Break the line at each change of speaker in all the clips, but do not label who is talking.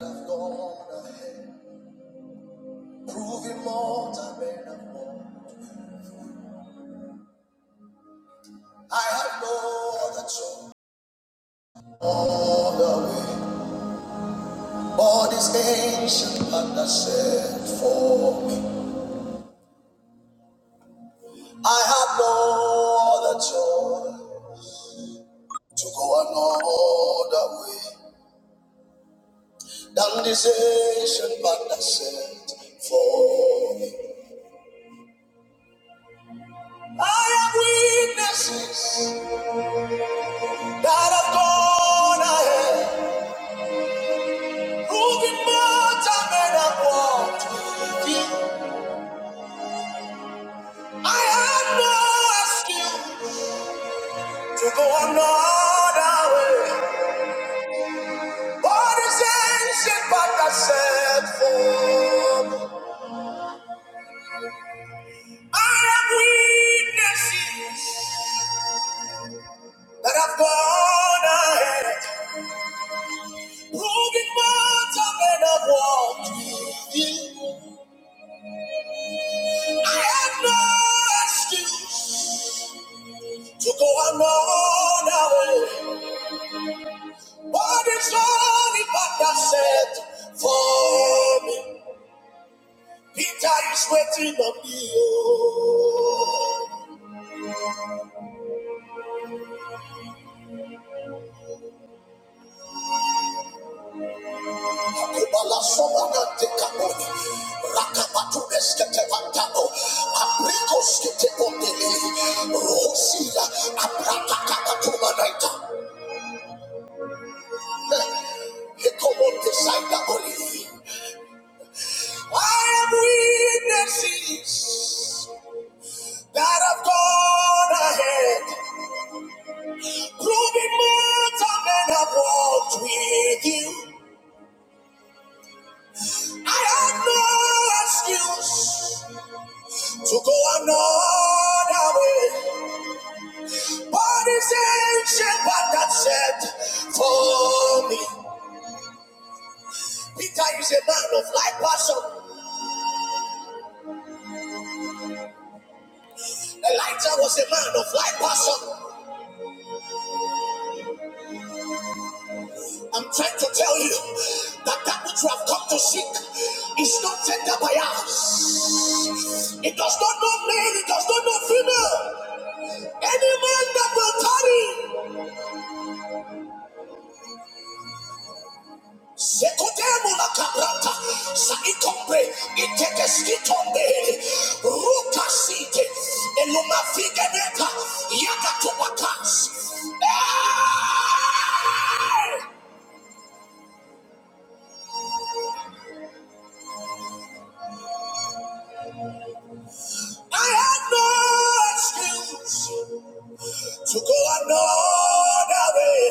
I've gone ahead, proving more time and I'm more. I have no other choice. All the way, all this ancient path that set for me. I have no other choice to go another way than this ancient path that set for me. I have witnesses that have gone ahead. Moving more time and I walked with you. I had no excuse to go another way. What is ancient but I set for I am witnesses that I've gone ahead. Moving more time and I walked with you. I had no excuse to go another way. What is all the Father said for me? Peter is waiting on me. oh. Akubala sobana tekaboni. Rakabatu eskete vantabo. Apriko Rosila aprata kakatuma naita. oli. I am witnesses that have gone ahead. Through the mountain and I've walked with you. I have no excuse to go another way. But it's ancient path that set for me. Peter is a man of light passion. Elijah was a man of light passion. I'm trying to tell you that that which you have come to seek is not tender by us. It does not know male, it does not know female. Any man that will tarry, Sekotemo la caprata, Saicombe, Itegescitonde, Rucasite, Eluma Figeneta, Yakatuakas. Hey! I had no excuse to go another way.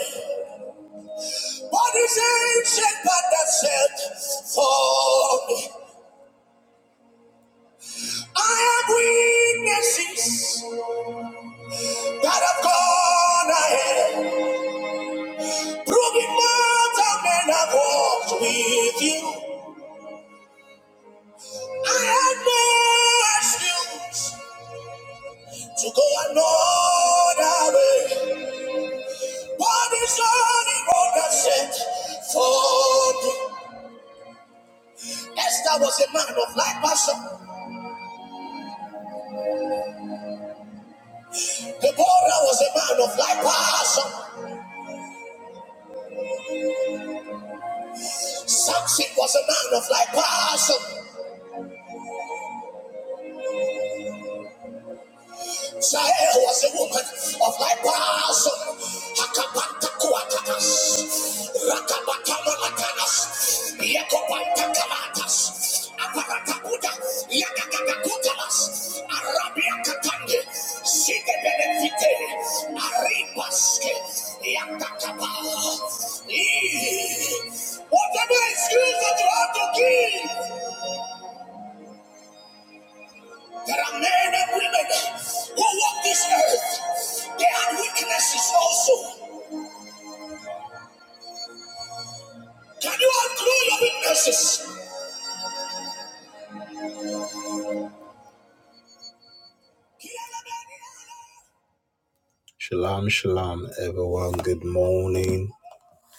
But it's ancient but that said for me. I have witnesses. that have gone ahead, proving mountain and have walked with you. I had no excuse to go another way. What is on the road that set for me? Esther was a man of like passion. Deborah was a man of like passion. Samson was a man of like passion. Jael was a woman of my like passion. Hakapantakuatatas, Rakabatamatanas, Yakopantakalas, Aparatakuta, Yakakakutalas, Arabiakatande, Sigebenefite, Aribaske, Yakakaba. Eh, Whatever excuse that you have to give. There are men and women who walk this earth. They had weaknesses also. Can you outgrow your weaknesses? Shalom, shalom, everyone. Good morning,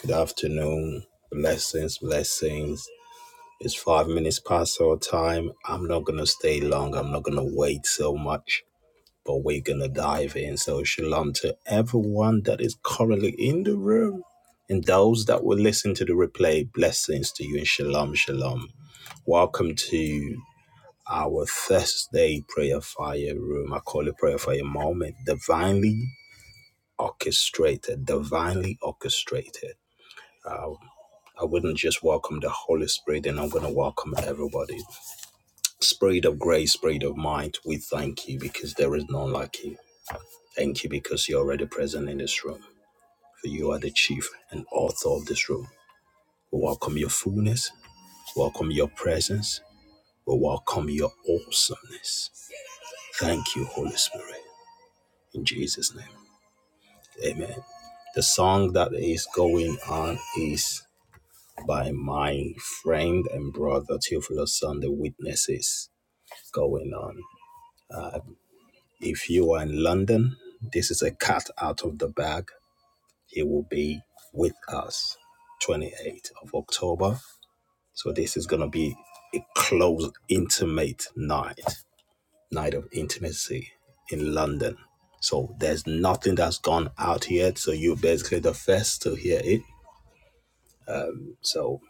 good afternoon. Blessings, blessings. It's five minutes past our time. I'm not going to stay long. I'm not going to wait so much. but we're going to dive in. So, shalom to everyone that is currently in the room and those that will listen to the replay. Blessings to you and shalom, shalom. Welcome to our Thursday prayer fire room. I call it prayer fire moment. Divinely orchestrated, divinely orchestrated. I, I wouldn't just welcome the Holy Spirit, and I'm going to welcome everybody. Spirit of grace, spirit of might, we thank you because there is none like you. Thank you because you're already present in this room. For you are the chief and author of this room. We welcome your fullness, We welcome your presence, we welcome your awesomeness. Thank you, Holy Spirit. In Jesus' name. Amen. The song that is going on is by my friend and brother Theophilus on the witnesses going on. If you are in London, this is a cat out of the bag He will be with us 28th of October. So this is going to be a close, intimate night, night of intimacy in London. So there's nothing that's gone out yet. So you're basically the first to hear it. So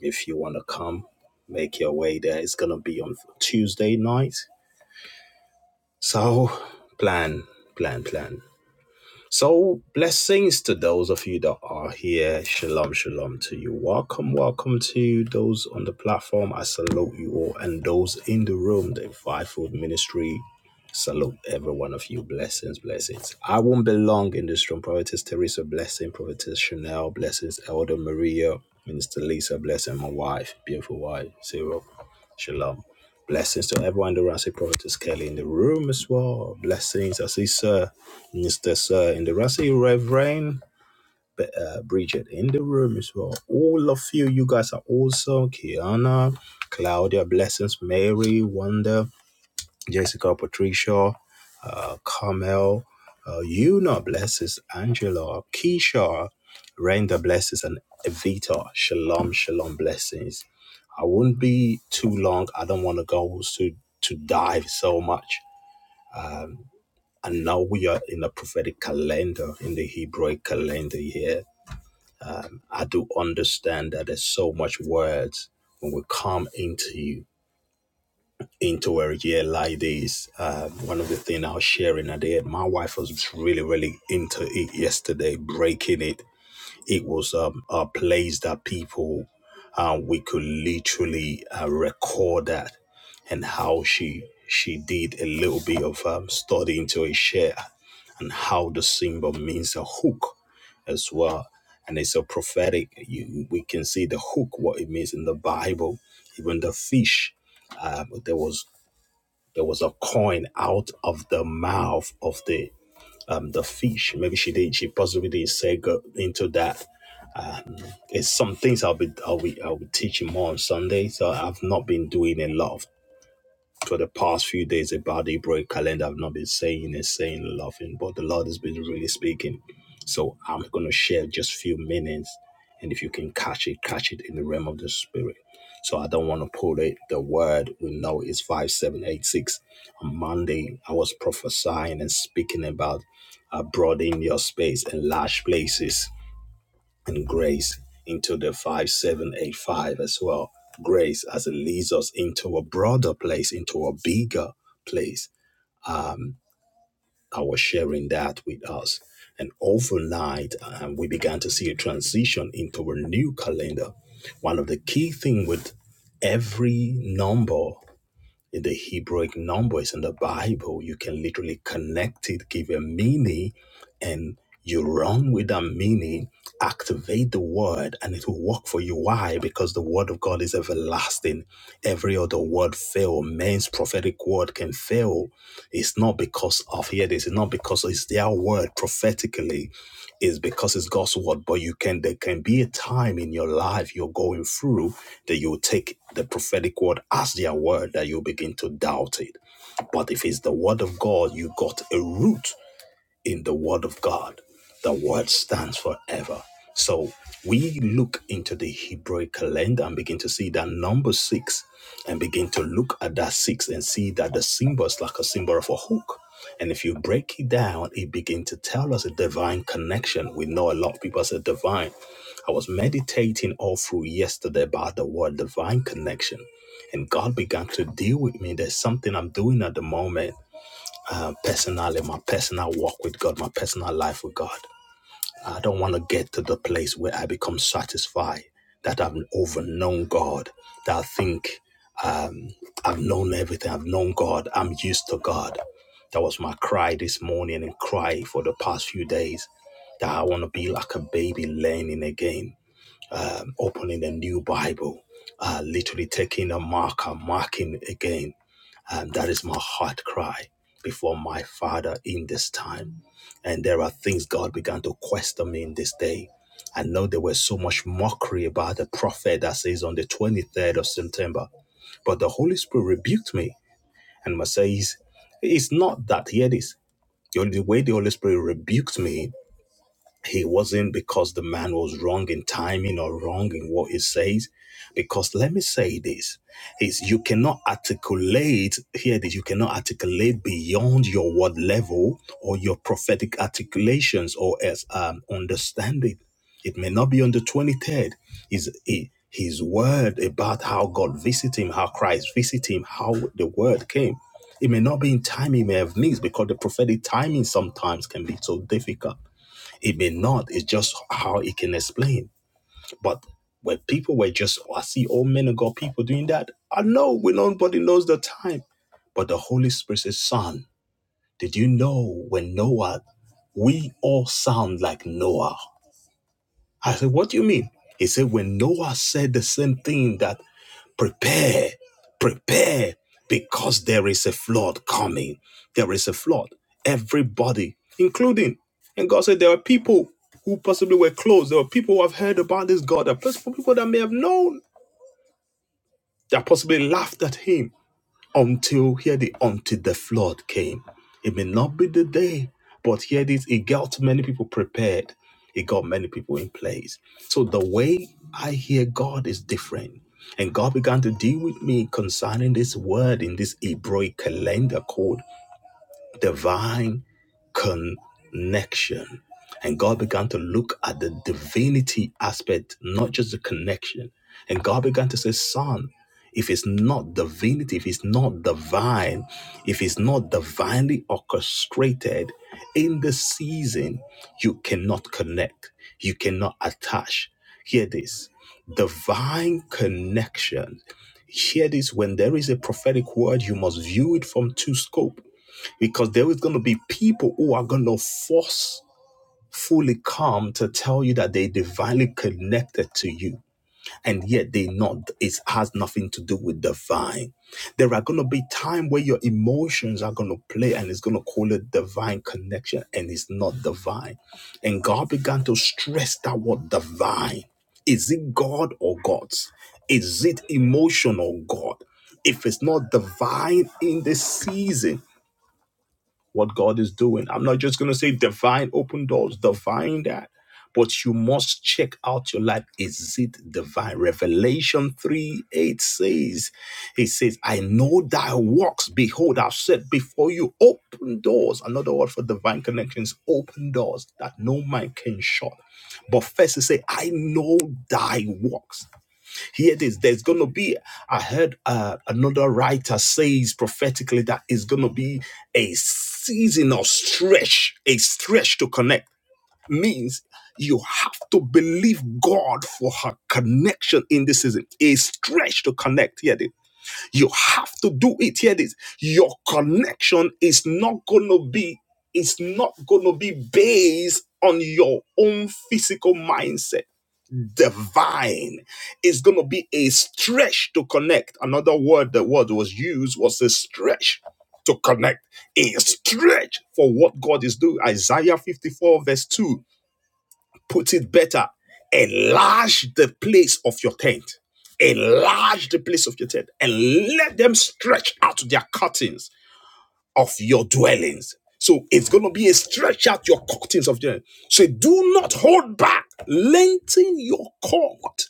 if you want to come, make your way there. It's going to be on Tuesday night. So plan, plan, plan. So, blessings to those of you that are here. Shalom, shalom to you. Welcome, welcome to those on the platform. I salute you all. And those in the room, the Fivefold Ministry, salute every one of you. Blessings, blessings. I won't be long in this room. Prophetess Teresa, blessing. Prophetess Chanel, blessings. Elder Maria, Minister Lisa, blessing. My wife, beautiful wife, Zero. Shalom. Blessings to everyone. The Rasi Prophet Kelly in the room as well. Blessings. I see Sir, Mr. Sir in the Rasi, Reverend B- uh, Bridget in the room as well. All of you, you guys are awesome. Kiana, Claudia, blessings. Mary, Wanda. Jessica, Patricia, uh, Carmel, uh, Una blesses Angela, Keisha, Renda blesses and Evita. Shalom, shalom blessings. I won't be too long. I don't want to go to to dive so much. And now we are in the prophetic calendar, in the Hebrew calendar here. I do understand that there's so much words when we come into you. into where yeah like this uh, one of the things i was sharing at the end my wife was really really into it yesterday breaking it it was um, a place that people uh, we could literally uh, record that and how she she did a little bit of um, study into a share and how the symbol means a hook as well and it's a prophetic you we can see the hook what it means in the bible even the fish um, there was there was a coin out of the mouth of the um the fish. Maybe she did. She possibly did not say go into that. Um, it's some things I'll be I'll be I'll be teaching more on Sunday. So I've not been doing a lot of for the past few days about the Hebrew calendar. I've not been saying and saying and laughing, but the Lord has been really speaking. So I'm going to share just a few minutes, and if you can catch it, catch it in the realm of the spirit. So I don't want to pull it. The word we know is five seven eight six. On Monday, I was prophesying and speaking about uh, broadening your space and large places and grace into the 5785 as well. Grace as it leads us into a broader place, into a bigger place. Um, I was sharing that with us. And overnight, um, we began to see a transition into a new calendar. One of the key things with every number in the Hebraic numbers in the Bible. You can literally connect it, give a meaning, and you run with that meaning, activate the word, and it will work for you. Why? Because the word of God is everlasting. Every other word fail. Man's prophetic word can fail. It's not because of here this, it's not because it's their word prophetically is because it's God's word. But you can there can be a time in your life you're going through that you'll take the prophetic word as their word that you begin to doubt it. But if it's the word of God, you got a root in the Word of God. The Word stands forever. So we look into the Hebrew calendar and begin to see that number six and begin to look at that six and see that the symbol is like a symbol of a hook. And if you break it down, it begins to tell us a divine connection. We know a lot of people say divine. I was meditating all through yesterday about the word divine connection. And God began to deal with me. There's something I'm doing at the moment uh, personally, my personal walk with God, my personal life with God. I don't want to get to the place where I become satisfied that I've overknown God, that I think um, I've known everything, I've known God, I'm used to God. That was my cry this morning and cry for the past few days that I want to be like a baby learning again, um, opening a new Bible, uh, literally taking a marker, marking again um, that is my heart cry before my Father in this time. And there are things God began to question me in this day. I know there was so much mockery about the prophet that says on the 23rd of September, but the Holy Spirit rebuked me and says, It's not that, hear this. The way the Holy Spirit rebuked me he wasn't because the man was wrong in timing or wrong in what he says. Because let me say this is you cannot articulate, hear this, you cannot articulate beyond your word level or your prophetic articulations or as um, understanding. It may not be on the 23rd. Is he, his word about how God visited him, how Christ visited him, how the word came. It may not be in time, he may have missed because the prophetic timing sometimes can be so difficult. It may not. It's just how it can explain. But when people were just, "Oh, I see all men of God people doing that. I know when nobody knows the time. But the Holy Spirit says, Son, did you know when Noah, we all sound like Noah? I said, What do you mean? He said, When Noah said the same thing that prepare, prepare, because there is a flood coming. There is a flood. Everybody, including, and God said there are people who possibly were close. There were people who have heard about this God. There are people that may have known that possibly laughed at him until hear the until the flood came. It may not be the day, but hear this, it got many people prepared. It got many people in place. So the way I hear God is different. And God began to deal with me concerning this word in this Hebrew calendar code divine connection. And God began to look at the divinity aspect, not just the connection. And God began to say, Son, if it's not divinity, if it's not divine, if it's not divinely orchestrated in the season, you cannot connect, you cannot attach. Hear this divine connection. Hear this when there is a prophetic word, you must view it from two scope because there is going to be people who are going to forcefully come to tell you that they're divinely connected to you and yet they not it has nothing to do with divine there are going to be time where your emotions are going to play and it's going to call it divine connection and it's not divine and god began to stress that word divine is it god or gods is it emotional god if it's not divine in this season what God is doing. I'm not just going to say divine open doors, divine that, but you must check out your life. Is it divine? Revelation 3 8 says, He says, I know thy works. Behold, I've set before you open doors. Another word for divine connections, open doors that no man can shut. But first, He says, I know thy works. Hear this. There's going to be, I heard uh, another writer says prophetically that it's going to be a season of stretch, a stretch to connect. Means you have to believe God for her connection in this season. A stretch to connect. Hear this. You have to do it. Hear this. Your connection is not going to be, it's not going to be based on your own physical mindset divine. It's going to be a stretch to connect. Another word the word was used was a stretch to connect. A stretch for what God is doing. Isaiah 54 verse 2 puts it better. Enlarge the place of your tent. Enlarge the place of your tent and let them stretch out their curtains of your dwellings. So it's going to be a stretch out your curtains of them. So do not hold back. Lengthen your cord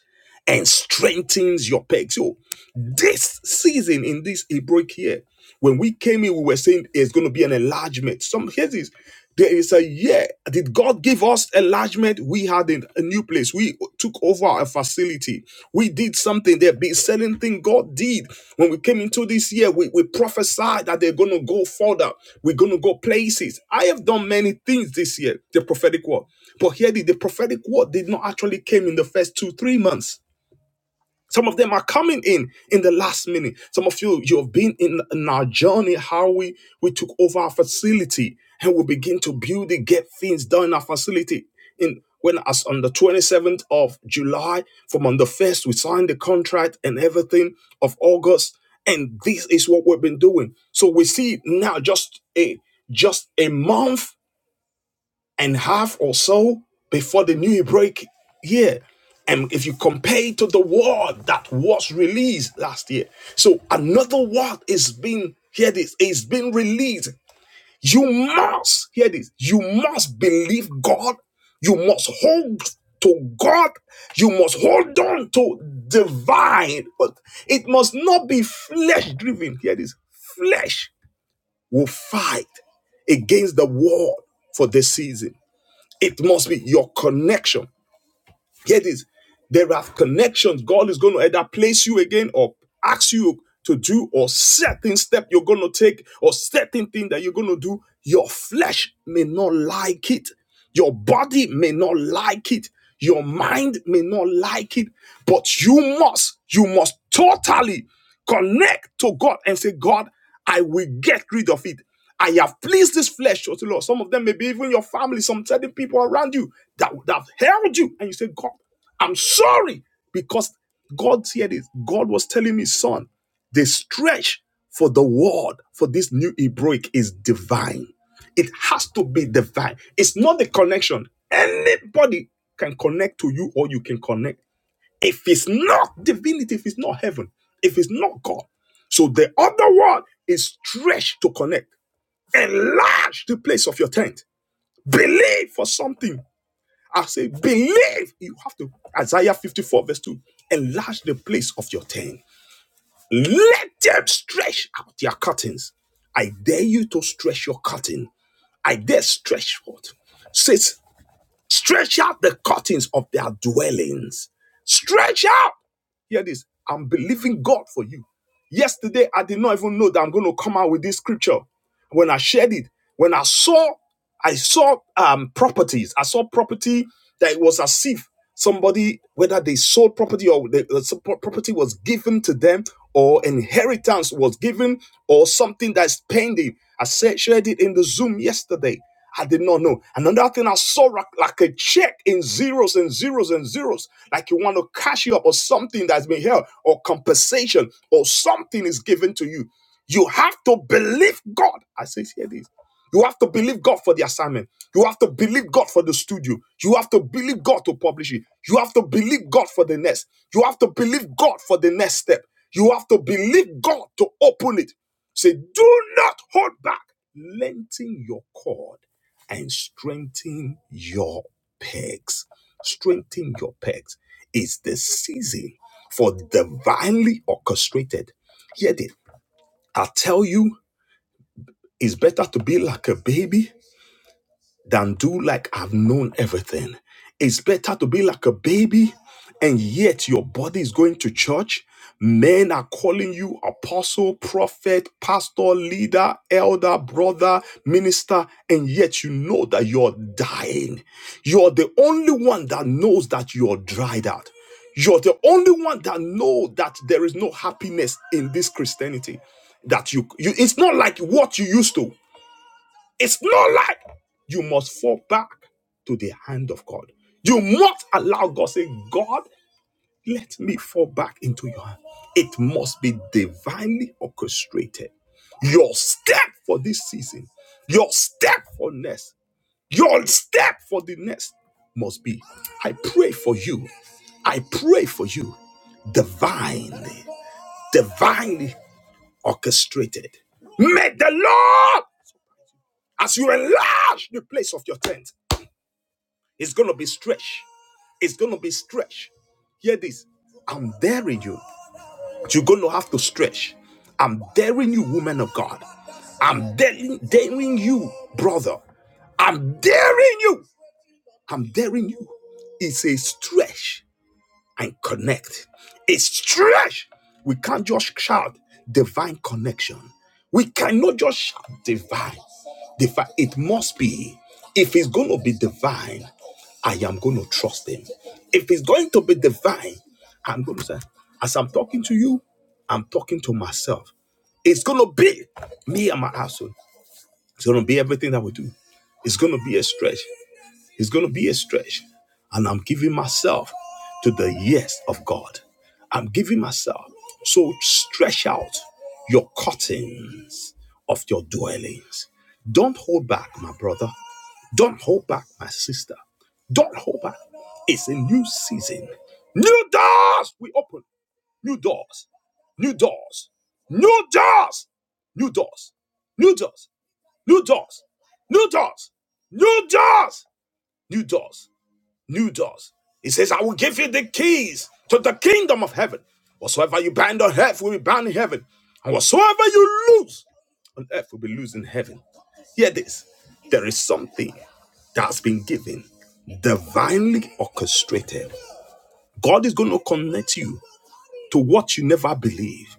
and strengthens your pegs. So this season in this Hebraic year, when we came in, we were saying it's going to be an enlargement. Some cases, there is a year. Did God give us enlargement? We had in a new place. We took over a facility. We did something. There be certain thing God did when we came into this year. We, we prophesied that they're going to go further. We're going to go places. I have done many things this year. The prophetic word, but here the the prophetic word did not actually came in the first two three months. Some of them are coming in in the last minute. Some of you, you have been in, in our journey, how we, we took over our facility and we begin to build it, get things done in our facility. In when as on the 27th of July, from on the 1st, we signed the contract and everything of August. And this is what we've been doing. So we see now just a just a month and half or so before the new Hebraic year. And if you compare it to the word that was released last year, so another word is being hear This is being released. You must hear this. You must believe God. You must hold to God. You must hold on to divine. But it must not be flesh driven. Hear this. Flesh will fight against the word for this season it must be your connection. Here it is. There are connections. God is going to either place you again or ask you to do or certain step you're going to take or certain thing that you're going to do. Your flesh may not like it. Your body may not like it. Your mind may not like it. But you must, you must totally connect to God and say, God, I will get rid of it. I have pleased this flesh unto the Lord. Some of them may be even your family, some certain people around you that would have held you. And you say, God, I'm sorry. Because God said it. is. God was telling me, son, the stretch for the word for this new Hebraic is divine. It has to be divine. It's not the connection. Anybody can connect to you or you can connect. If it's not divinity, if it's not heaven, if it's not God. So the other word is stretch to connect enlarge the place of your tent. Believe for something. I say, believe. You have to. Isaiah 54, verse 2. Enlarge the place of your tent. Let them stretch out their curtains. I dare you to stretch your curtain. I dare stretch forth. Says Stretch out the curtains of their dwellings. Stretch out. Hear this. I'm believing God for you. Yesterday, I did not even know that I'm going to come out with this scripture. When I shared it, when I saw, I saw um, properties. I saw property that it was as if somebody, whether they sold property or the the property was given to them, or inheritance was given, or something that's pending. I said, shared it in the Zoom yesterday I did not know. Another thing I saw like, like a check in zeros and zeros and zeros, like you want to cash you up or something that's been held or compensation or something is given to you. You have to believe God. I say, here this. You have to believe God for the assignment. You have to believe God for the studio. You have to believe God to publish it. You have to believe God for the next. You have to believe God for the next step. You have to believe God to open it. Say, do not hold back. Lengthen your cord and strengthen your pegs. Strengthen your pegs. It's the season for divinely orchestrated. Hear it. I tell you, it's better to be like a baby than do like I've known everything. It's better to be like a baby and yet your body is going to church. Men are calling you apostle, prophet, pastor, leader, elder, brother, minister, and yet you know that you're dying. You're the only one that knows that you're dried out. You're the only one that know that there is no happiness in this Christianity. That you, you it's not like what you used to. It's not like you must fall back to the hand of God. You must allow God say, God, let me fall back into your hand. It must be divinely orchestrated. Your step for this season, your step for next, your step for the next must be. I pray for you. I pray for you. Divinely, divinely orchestrated. May the Lord, as you enlarge the place of your tent, It's going to be stretched. It's going to be stretched. Hear this. I'm daring you. You're going to have to stretch. I'm daring you, woman of God. I'm daring, daring you, brother. I'm daring you. I'm daring you. It's a stretch and connect. It's trash. We can't just shout divine connection. We cannot just shout divine. Divine. It must be. If it's going to be divine, I am going to trust him. If it's going to be divine, I'm going to say, as I'm talking to you, I'm talking to myself. It's going to be me and my household. It's going to be everything that we do. It's going to be a stretch. It's going to be a stretch. And I'm giving myself to the yes of God. I'm giving myself. So stretch out your curtains of your dwellings. Don't hold back, my brother. Don't hold back, my sister. Don't hold back. It's a new season. New doors we open. New doors. New doors. New doors. New doors. New doors. New doors. New doors. New doors. New doors new doors. He says, I will give you the keys to the kingdom of heaven. Whatsoever you bind on earth will be bound in heaven. And whatsoever you loose on earth will be loosed in heaven. Hear this. There is something that's been given, divinely orchestrated. God is going to connect you to what you never believe.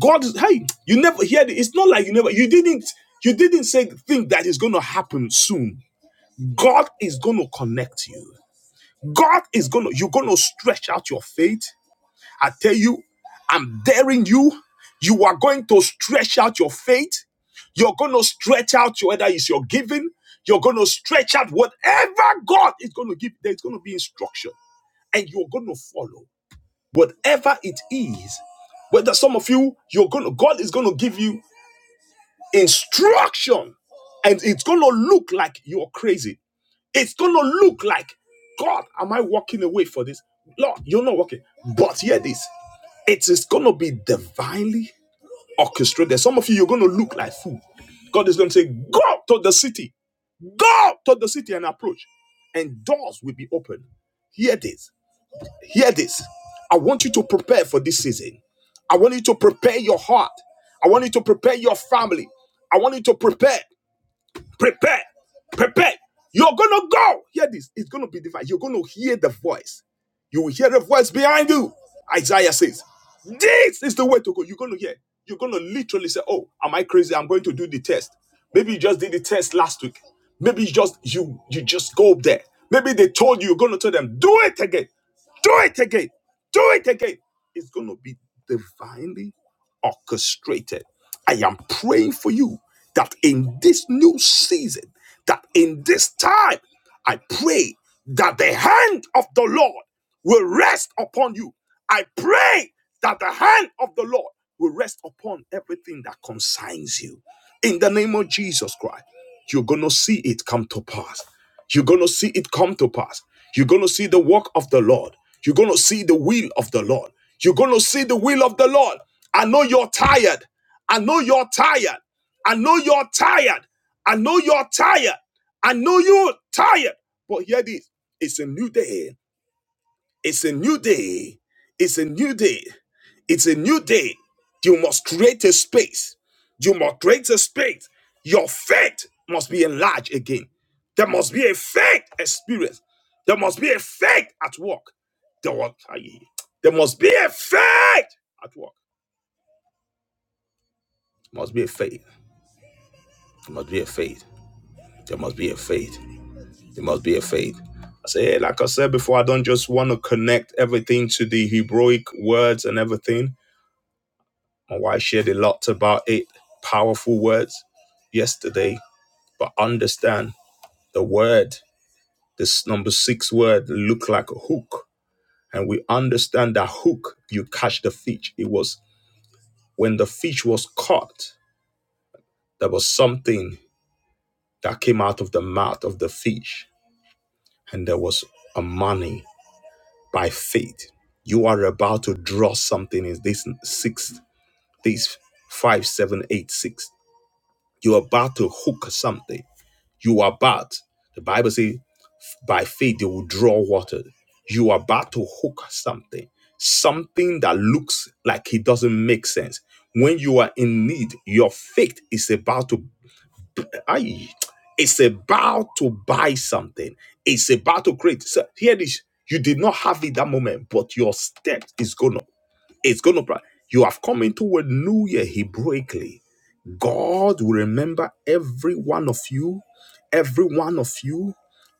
God is, hey, you never hear it. It's not like you never, you didn't, you didn't say think that is going to happen soon. God is going to connect you. God is gonna, you're gonna stretch out your faith. I tell you, I'm daring you. You are going to stretch out your faith. You're gonna stretch out your- whether it's your giving. You're gonna stretch out whatever God is gonna give. There's gonna be instruction, and you're gonna follow whatever it is. Whether some of you, you're gonna, God is gonna give you instruction, and it's gonna look like you're crazy it's going to look like, God, am I walking away for this? Lord, you're not walking. But hear this it is going to be divinely orchestrated. Some of you, you're going to look like fool. God is going to say, Go to the city, go to the city and approach, and doors will be open. Hear this, hear this. I want you to prepare for this season. I want you to prepare your heart. I want you to prepare your family. I want you to prepare. Prepare. Prepare. You're going to go. Hear this. It's going to be divine. You're going to hear the voice. You will hear the voice behind you. Isaiah says, This is the way to go. You're going to hear. You're going to literally say, Oh, am I crazy? I'm going to do the test. Maybe you just did the test last week. Maybe you just you you just go up there. Maybe they told you you're going to tell them, do it again. Do it again. Do it again. It's going to be divinely orchestrated. I am praying for you that in this new season, that in this time, I pray that the hand of the Lord will rest upon you. I pray that the hand of the Lord will rest upon everything that concerns you. In the name of Jesus Christ, you're going to see it come to pass. You're going to see it come to pass. You're going to see the work of the Lord. You're going to see the will of the Lord. You're going to see the will of the Lord. I know you're tired. I know you're tired. I know you're tired. I know you're tired. I know you're tired. But hear this it's a new day. It's a new day. It's a new day. It's a new day. You must create a space. You must create a space. Your faith must be enlarged again. There must be a faith experience. There must be a faith at work. There, wa- aye. there must be a faith at work. must be a faith. There must be a faith. There must be a faith. There must be a faith. I say, like I said before, I don't just want to connect everything to the Hebraic words and everything. Oh, I shared a lot about it, powerful words yesterday, but understand the word, this number six word, look like a hook. And we understand that hook, you catch the fish. It was when the fish was caught, there was something that came out of the mouth of the fish, and there was a money by faith. You are about to draw something in this six, this five, seven, eight, six. You're about to hook something You are about, the Bible says, by faith they will draw water. You are about to hook something, something that looks like it doesn't make sense. When you are in need, your faith is about to, aye, it's about to buy something. It's about to create. So here this, you did not have it that moment, but your step is gonna, it's gonna. You have come into a new year Hebraically God will remember every one of you, every one of you,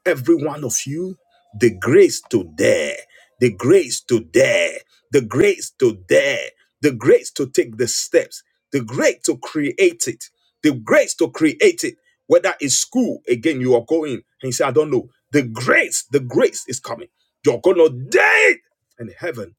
every one of you. The grace to dare, the grace to dare, the grace to dare, the grace to take the steps, the grace to create it, the grace to create it. Whether it's school, again, you are going and you say, I don't know. The grace, the grace is coming. You're going to dare it. And heaven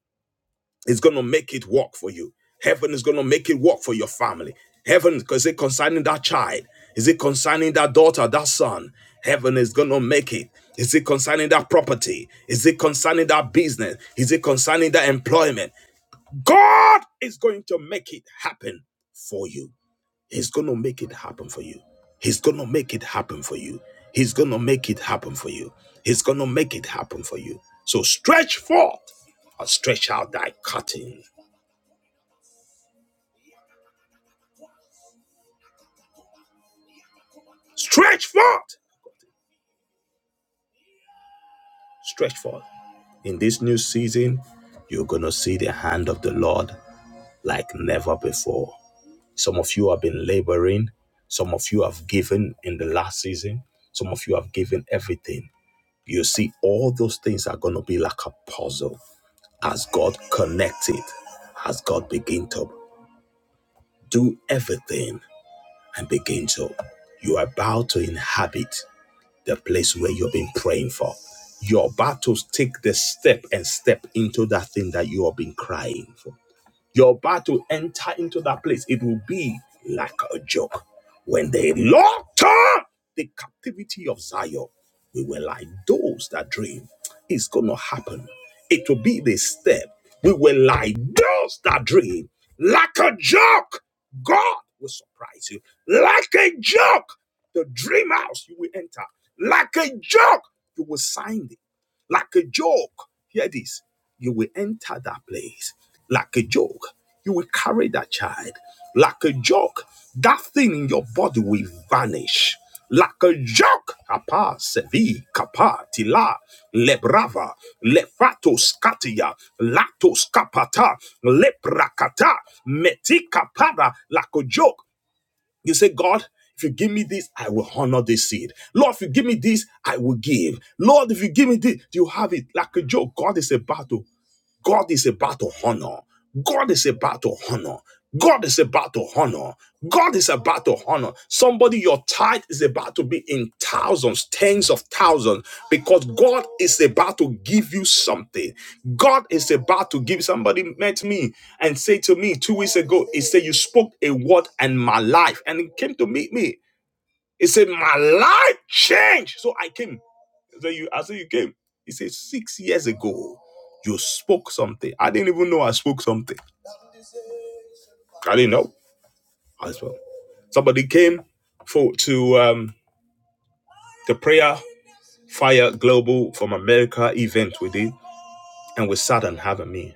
is going to make it work for you. Heaven is going to make it work for your family. Heaven, is it concerning that child? Is it concerning that daughter, that son? Heaven is going to make it. Is it concerning that property? Is it concerning that business? Is it concerning that employment? God is going to make it happen for you. He's going to make it happen for you. He's going to make it happen for you. He's going to make it happen for you. He's going to make it happen for you. So stretch forth and stretch out thy curtain Stretch forth. Stretch forth. In this new season, you're going to see the hand of the Lord like never before. Some of you have been laboring. Some of you have given in the last season. Some of you have given everything. You see, all those things are going to be like a puzzle as God connected, as God begin to do everything and begin to. You are about to inhabit. the place where you've been praying for. you are about to take the step and step into that thing that you have been crying for. You are about to enter into that place. It will be like a joke. When they locked up the captivity of Zion, we were like those that dream. It's gonna happen. It will be the step. We were like those that dream. Like a joke, God will surprise you. Like a joke. The dream house you will enter. Like a joke, you will sign it. Like a joke, hear this, you will enter that place. Like a joke, you will carry that child. Like a joke, that thing in your body will vanish. Like a joke, apa sevi kapa tila lebrava lefato scatia lato scapata leprakata metika para like a joke you say, God, if you give me this, I will honor this seed. Lord, if you give me this, I will give. Lord, if you give me this, you have it. Like a joke, God is about to God is about to honor. God is about to honor. God is about to honor. God is about to honor. Somebody, your tithe is about to be in thousands, tens of thousands, because God is about to give you something. God is about to give somebody met me and say to me two weeks ago, he said, You spoke a word and my life. And he came to meet me. He said, My life changed. So I came. So you, I said you came. He said six years ago, you spoke something. I didn't even know I spoke something. I didn't know as well. Somebody came for to um, the prayer fire global from America event we did, and we sat and had a meal.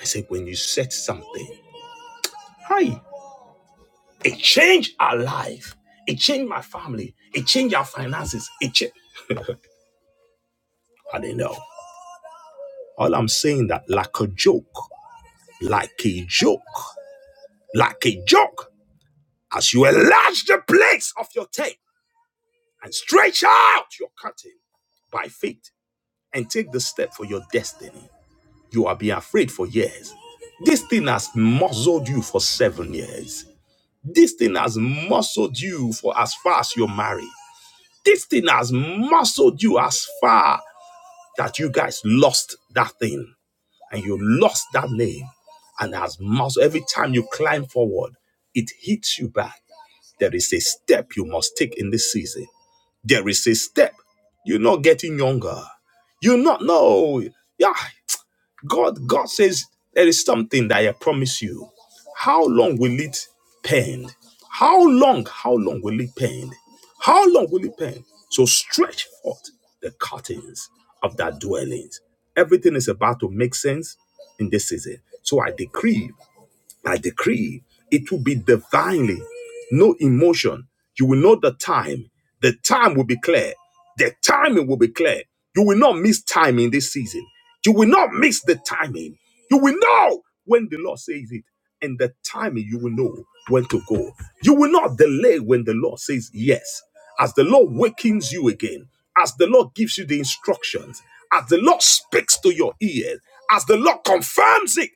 I said, when you said something, hi, it changed our life. It changed my family. It changed our finances. It changed. I didn't know. All I'm saying that like a joke, like a joke, like a joke. as you enlarge the place of your tent and stretch out your curtain by faith and take the step for your destiny. You have been afraid for years. This thing has muzzled you for seven years. This thing has muzzled you for as far as you're married. This thing has muzzled you as far that you guys lost that thing and you lost that name and has muzzled. Every time you climb forward, it hits you back. There is a step you must take in this season There is a step. You're not getting younger. You're not, no. Yeah, God, God says there is something that I promise you. How long will it pain? How long, how long will it pain? How long will it pain? So stretch forth the curtains of that dwellings. Everything is about to make sense in this season. So I decree I decree it will be divinely, no emotion. You will know the time. The time will be clear. The timing will be clear. You will not miss time in this season. You will not miss the timing. You will know when the Lord says it. And the timing, you will know when to go. You will not delay when the Lord says yes. As the Lord wakens you again, as the Lord gives you the instructions, as the Lord speaks to your ears, as the Lord confirms it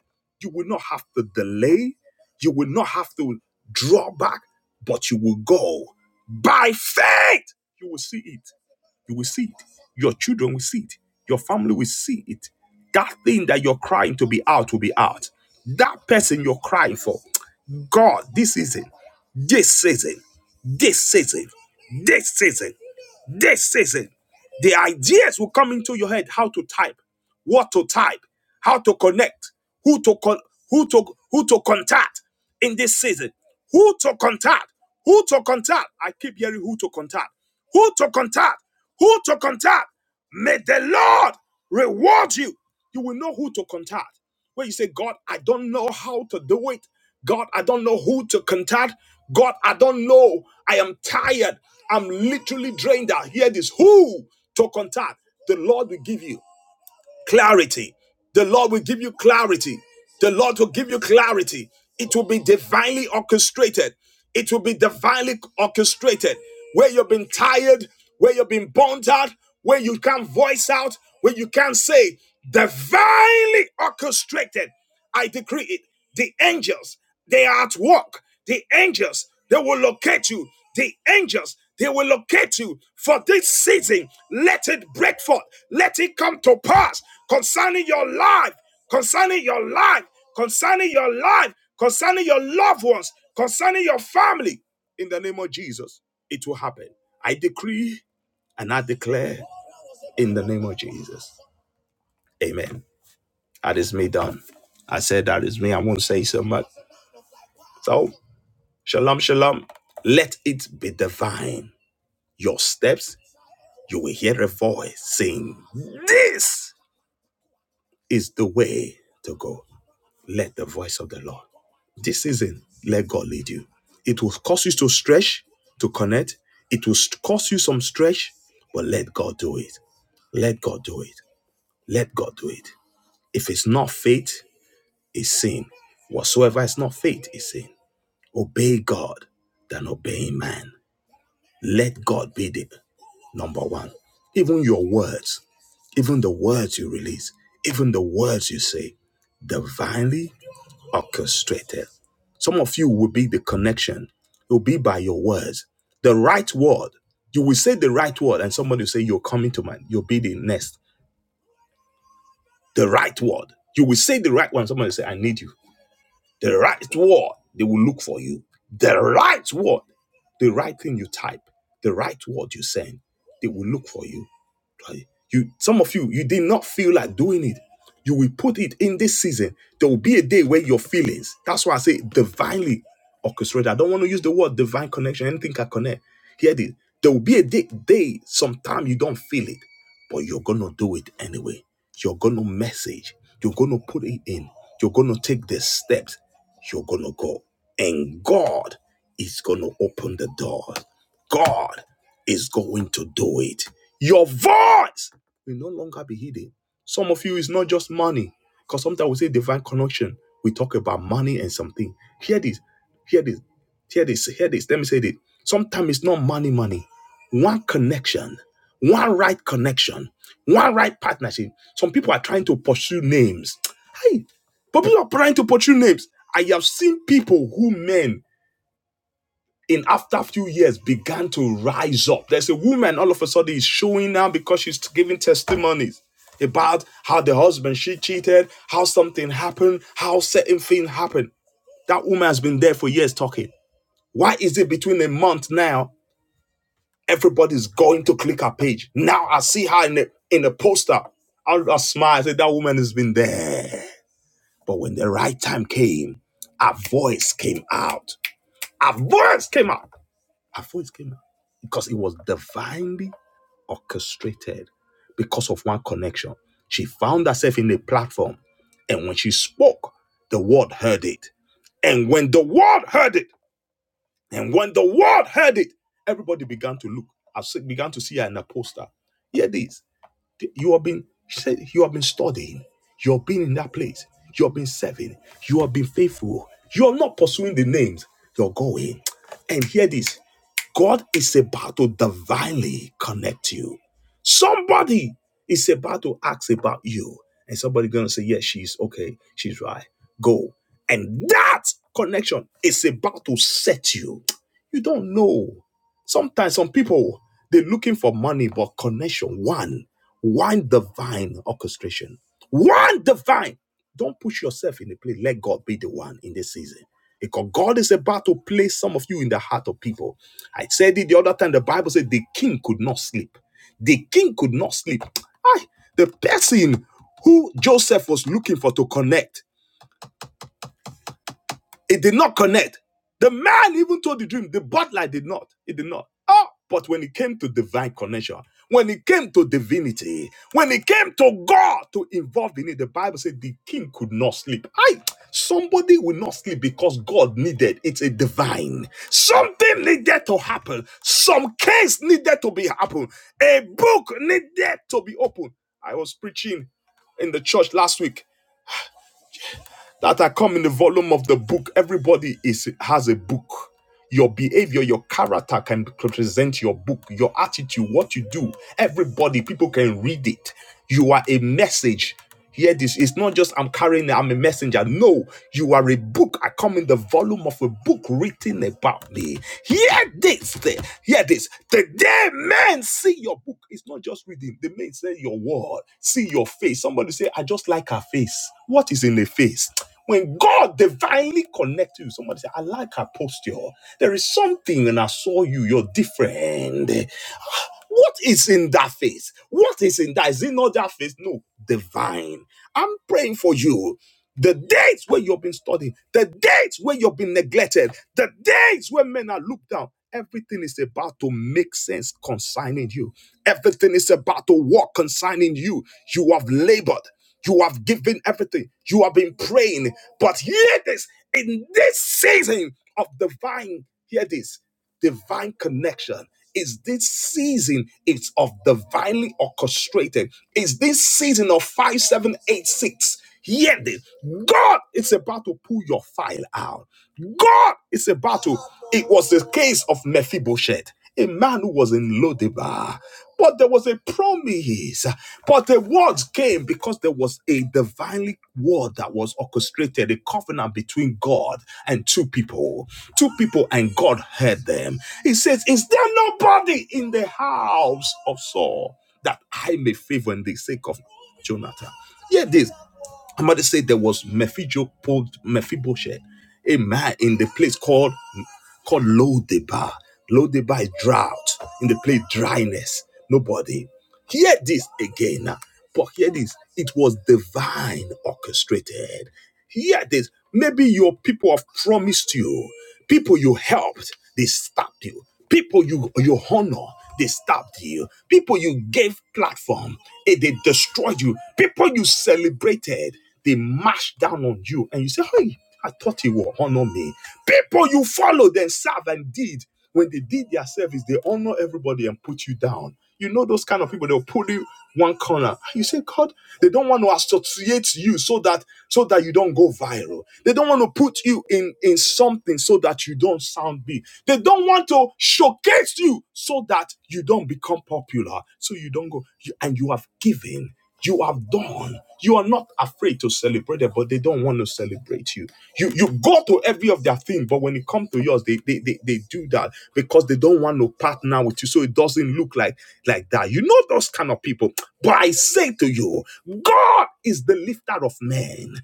you will not have to delay. You will not have to draw back, but you will go by faith. You will see it. You will see it. Your children will see it. Your family will see it. That thing that you're crying to be out will be out. That person you're crying for, God, this season, this season, this season, this season, this season, the ideas will come into your head how to type, what to type how to connect, who to con- who to who to contact in this season, who to contact, who to contact. I keep hearing who to contact, who to contact, who to contact. May the Lord reward you. You will know who to contact. When you say, God, I don't know how to do it. God, I don't know who to contact. God, I don't know. I am tired. I'm literally drained out. Here it is. Who to contact? The Lord will give you clarity. The Lord will give you clarity. The Lord will give you clarity. It will be divinely orchestrated. It will be divinely orchestrated. Where you've been tired, where you've been burnt out, where you can't voice out, where you can't say, divinely orchestrated. I decree it. The angels, they are at work. The angels, they will locate you. The angels, they will locate you for this season. Let it break forth. Let it come to pass concerning your life, concerning your life, concerning your life, concerning your loved ones, concerning your family. In the name of Jesus, it will happen. I decree and I declare in the name of Jesus. Amen. That is me done. I said that is me. I won't say so much. So. Shalom, shalom. Let it be divine. Your steps, you will hear a voice saying, This is the way to go. Let the voice of the Lord. This season, let God lead you. It will cause you to stretch, to connect. It will st- cause you some stretch, but let God do it. Let God do it. Let God do it. If it's not faith, it's sin. Whatsoever is not faith is sin. Obey God than obeying man. Let God be the Number one, even your words, even the words you release, even the words you say, divinely orchestrated. Some of you will be the connection. It will be by your words. The right word. You will say the right word, and somebody will say, You're coming to mind. You'll be the next. The right word. You will say the right one. Somebody will say, I need you. The right word. They will look for you. The right word. The right thing you type. The right word you send. They will look for you Like you, some of you, you did not feel like doing it. You will put it in this season. There will be a day where your feelings. That's why I say divinely orchestrated. I don't want to use the word divine connection. Anything can connect. Hear this. There will be a day, day sometime you don't feel it, but you're gonna do it anyway. You're gonna message. You're gonna put it in. You're gonna take the steps. You're gonna go, and God is gonna open the door. God is going to do it. Your voice will no longer be hidden. Some of you is not just money, because sometimes we say divine connection. We talk about money and something. Hear this, hear this, hear this, hear this. Let me say this. Sometimes it's not money, money. One connection, one right connection, one right partnership. Some people are trying to pursue names. Hey, people are trying to pursue names. I have seen people who men in after a few years began to rise up. There's a woman all of a sudden is showing now because she's giving testimonies about how the husband she cheated, how something happened, how certain thing happened. That woman has been there for years talking. Why is it between a month now everybody's going to click her page? Now I see her in the in the poster. I, I smile. I say that woman has been there. But when the right time came, her voice came out. Her voice came out. Her voice came out because it was divinely orchestrated because of one connection. She found herself in a platform, and when she spoke, the world heard it. And when the world heard it, and when the world heard it, everybody began to look. I se- began to see her in a poster. Hear this. You have been she said you have been studying. You have been in that place. You have been serving. You have been faithful. You are not pursuing the names. You're going. And hear this. God is about to divinely connect you. Somebody is about to ask about you. And somebody gonna say, Yes, she's okay, she's right. Go. And that connection is about to set you. You don't know. Sometimes some people they're looking for money, but connection, one, one divine orchestration. One divine. Don't push yourself in the place. Let God be the one in this season. Because God is about to place some of you in the heart of people I said it the other time. The Bible said the king could not sleep. The king could not sleep. Aye, the person who Joseph was looking for to connect it did not connect. The man even told the dream. The butler did not. It did not. Oh, but when it came to divine connection, when it came to divinity, when it came to God to involve in it, the Bible said the king could not sleep. I somebody will not sleep because God needed it's a divine. Something needed to happen. Some case needed to be happened. A book needed to be opened. I was preaching in the church last week that are come in the volume of the book. Everybody is has a book. Your behavior, your character can represent your book, your attitude, what you do. Everybody, people can read it. You are a message. Hear this. It's not just I'm carrying, I'm a messenger. No, you are a book. I come in the volume of a book written about me. Hear this. the- Hear this. The day men see your book, it's not just reading. The men say your word, see your face. Somebody say, I just like her face. What is in the face? When God divinely connects you, somebody say, I like her posture. There is something when I saw you, you're different. What is in that face? What is in that? Is it not that face? No, divine. I'm praying for you. The days where you've been studying, the days where you've been neglected, the days where men are looked down, everything is about to make sense concerning you. Everything is about to work concerning you. You have labored. You have given everything. You have been praying. But hear this in this season of divine, hear this divine connection is this season? It's of divinely orchestrated. Is this season of five, seven, eight, six? Hear this. God is about to pull your file out. God is about to. It was the case of Mephibosheth a man who was in Lodibar. But there was a promise, but the words came because there was a divinely word that was orchestrated, a covenant between God and two people. Two people, and God heard them. He says, Is there nobody in the house of Saul that I may favor in the sake of Jonathan? Hear this Somebody said there was Mephibosheth, a man in the place called called Lodebar. Lodebar is drought, in the place dryness. Nobody. Hear this again. But hear this. It was divine orchestrated. Hear this. Maybe your people have promised you, people you helped, they stopped you. People you you honor, they stopped you. People you gave platform, eh, they destroyed you. People you celebrated, they marched down on you, and you say, "Hey, I thought you would honor me." People you followed and served and did, when they did their service, they honor everybody and put you down. You know those kind of people, they'll pull you one corner. You say, God, they don't want to associate you so that so that you don't go viral. They don't want to put you in, in something so that you don't sound big. They don't want to showcase you so that you don't become popular. So you don't go, you, and you have given, you have done. You are not afraid to celebrate it, but they don't want to celebrate you. You you go to every of their thing, but when it comes to yours, they, they they they do that because they don't want to partner with you, so it doesn't look like like that. You know those kind of people. But I say to you, God is the lifter of men.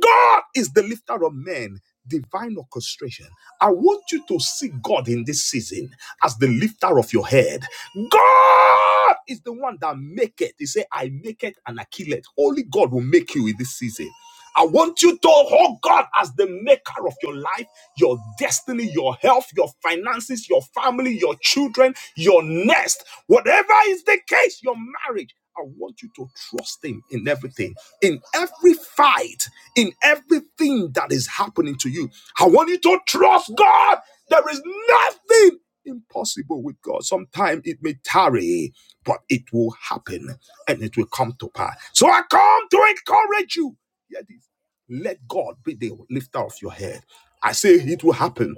God is the lifter of men. Divine orchestration. I want you to see God in this season as the lifter of your head. God is the one that make it. He said, I make it and I kill it. Only God will make you in this season. I want you to hold God as the maker of your life, your destiny, your health, your finances, your family, your children, your nest, whatever is the case, your marriage. I want you to trust Him in everything, in every fight, in everything that is happening to you. I want you to trust God. There is nothing impossible with God. Sometimes it may tarry, but it will happen and it will come to pass. So I come to encourage you. Let God be the lifter of your head. I say it will happen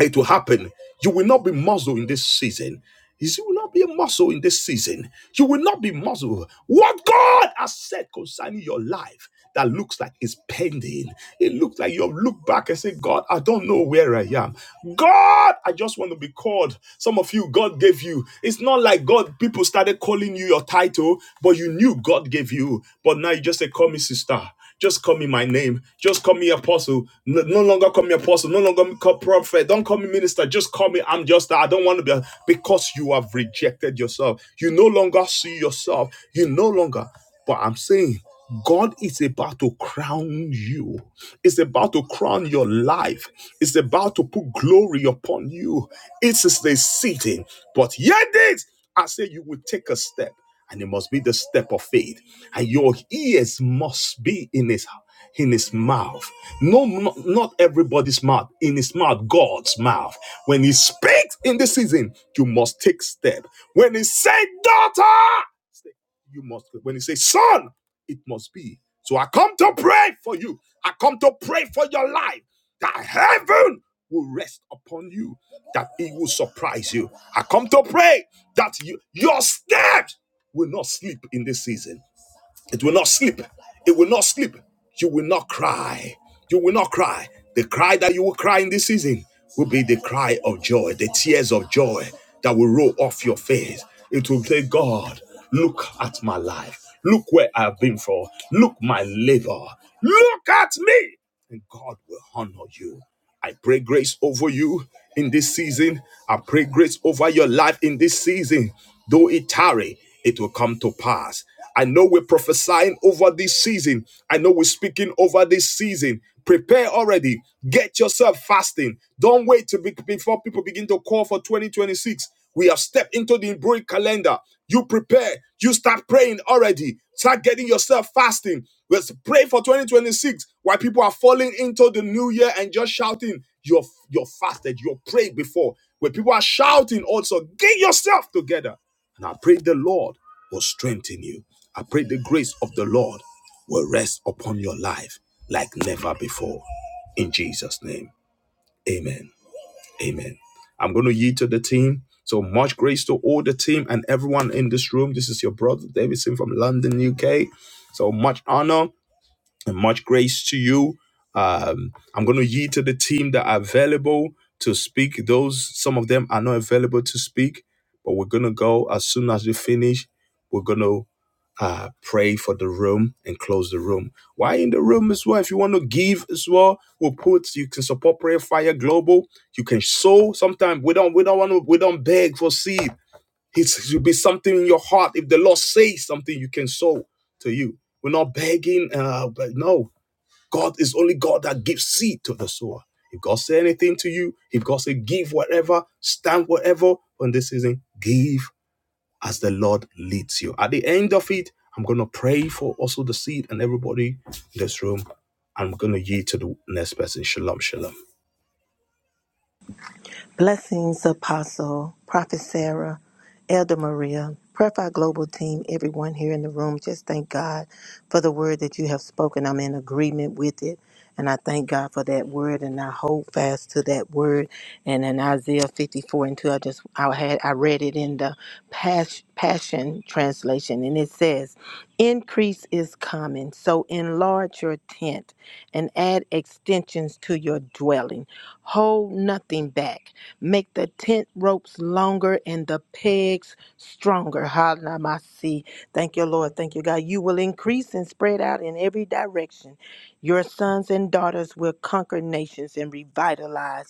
it will happen. You will not be muzzled in this season. You will not be a muscle in this season. You will not be muzzled. What God has said concerning your life that looks like it's pending. It looks like you've looked back and said, God, I don't know where I am. God, I just want to be called. Some of you, God gave you. It's not like God, people started calling you your title, but you knew God gave you. But now you just say, call me sister. Just call me my name. Just call me apostle. No, no longer call me apostle. No longer call prophet. Don't call me minister. Just call me. I'm just. I don't want to be a-" because you have rejected yourself. You no longer see yourself. You no longer. But I'm saying. God is about to crown you. It's about to crown your life. It's about to put glory upon you. It is the season. But yet, it, I say you will take a step, and it must be the step of faith and your ears must be in his in his mouth no no- not everybody's mouth in his mouth god's mouth when he speaks in the season you must take step when he say daughter you must when he say son it must be so i come to pray for you i come to pray for your life that heaven will rest upon you that it will surprise you i come to pray that you, your steps will not sleep in this season it will not sleep. It will not sleep. You will not cry. You will not cry. The cry that you will cry in this season will be the cry of joy, the tears of joy that will roll off your face. It will say, God, look at my life. Look where I've been for. Look my labor. Look at me and God will honor you. I pray grace over you in this season. I pray grace over your life in this season. Though it tarry, it will come to pass. I know we're prophesying over this season. I know we're speaking over this season. Prepare already. Get yourself fasting. Don't wait to be, before people begin to call for 2026. We have stepped into the Hebraic calendar. You prepare. You start praying already. Start getting yourself fasting. Let's pray for 2026 while people are falling into the new year and just shouting. You're, you're fasted. You're prayed before. Where people are shouting also, get yourself together. And I pray the Lord will strengthen you. I pray the grace of the Lord will rest upon your life like never before. In Jesus' name, amen. Amen. I'm going to yield to the team. So much grace to all the team and everyone in this room. This is your brother Davidson from London, UK. So much honor and much grace to you. Um, I'm going to yield to the team that are available to speak. Those, some of them are not available to speak, but we're going to go as soon as we finish. We're going to uh, pray for the room and close the room. Why in the room as well? If you want to give as well, we'll put you can support Prayer Fire Global. You can sow. Sometimes we don't we don't want to we don't beg for seed. It's, it should be something in your heart. If the Lord says something, you can sow to you. We're not begging, uh, but no, God is only God that gives seed to the sower. If God say anything to you, if God say give whatever, stand whatever on this season, give as the Lord leads you. At the end of it, I'm going to pray for also the seed and everybody in this room. I'm going to yield to the next person. Shalom, shalom.
Blessings, Apostle, Prophet Sarah, Elder Maria, Prayer Fire Global Team, everyone here in the room. Just thank God for the word that you have spoken. I'm in agreement with it. And I thank God for that word and I hold fast to that word. And in Isaiah 54 and 2, I just I had I read it in the Pas- Passion translation and it says, Increase is coming, so enlarge your tent and add extensions to your dwelling. Hold nothing back Make the tent ropes longer and the pegs stronger. Halamasi. Thank you, Lord. Thank you, God. You will increase and spread out in every direction. Your sons and daughters will conquer nations and revitalize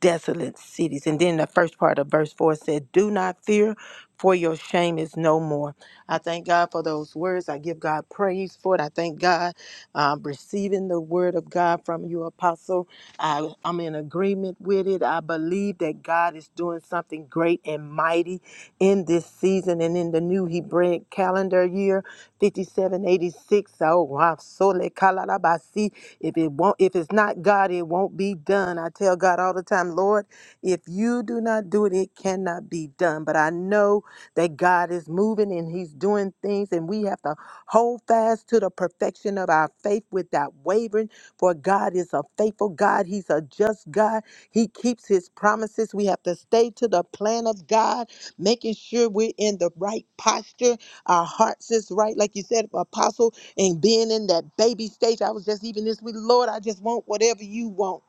desolate cities. And then the first part of verse 4 said, Do not fear, for your shame is no more. I thank God for those words. I give God praise for it. I thank God um, receiving the word of God from you, Apostle. I, I'm in agreement with it. I believe that God is doing something great and mighty in this season and in the new Hebrew calendar year, 5786. Oh, wow. Sole kalalabasi. If it won't, if it's not God, it won't be done. I tell God all the time, Lord, if you do not do it, it cannot be done. But I know that God is moving and He's doing things, and we have to hold fast to the perfection of our faith without wavering. For God is a faithful God. He's a just God. He keeps His promises. We have to stay to the plan of God, making sure we're in the right posture. Our hearts is right, like you said, Apostle and being in that baby stage. I was just even this week, Lord, I just want whatever you want.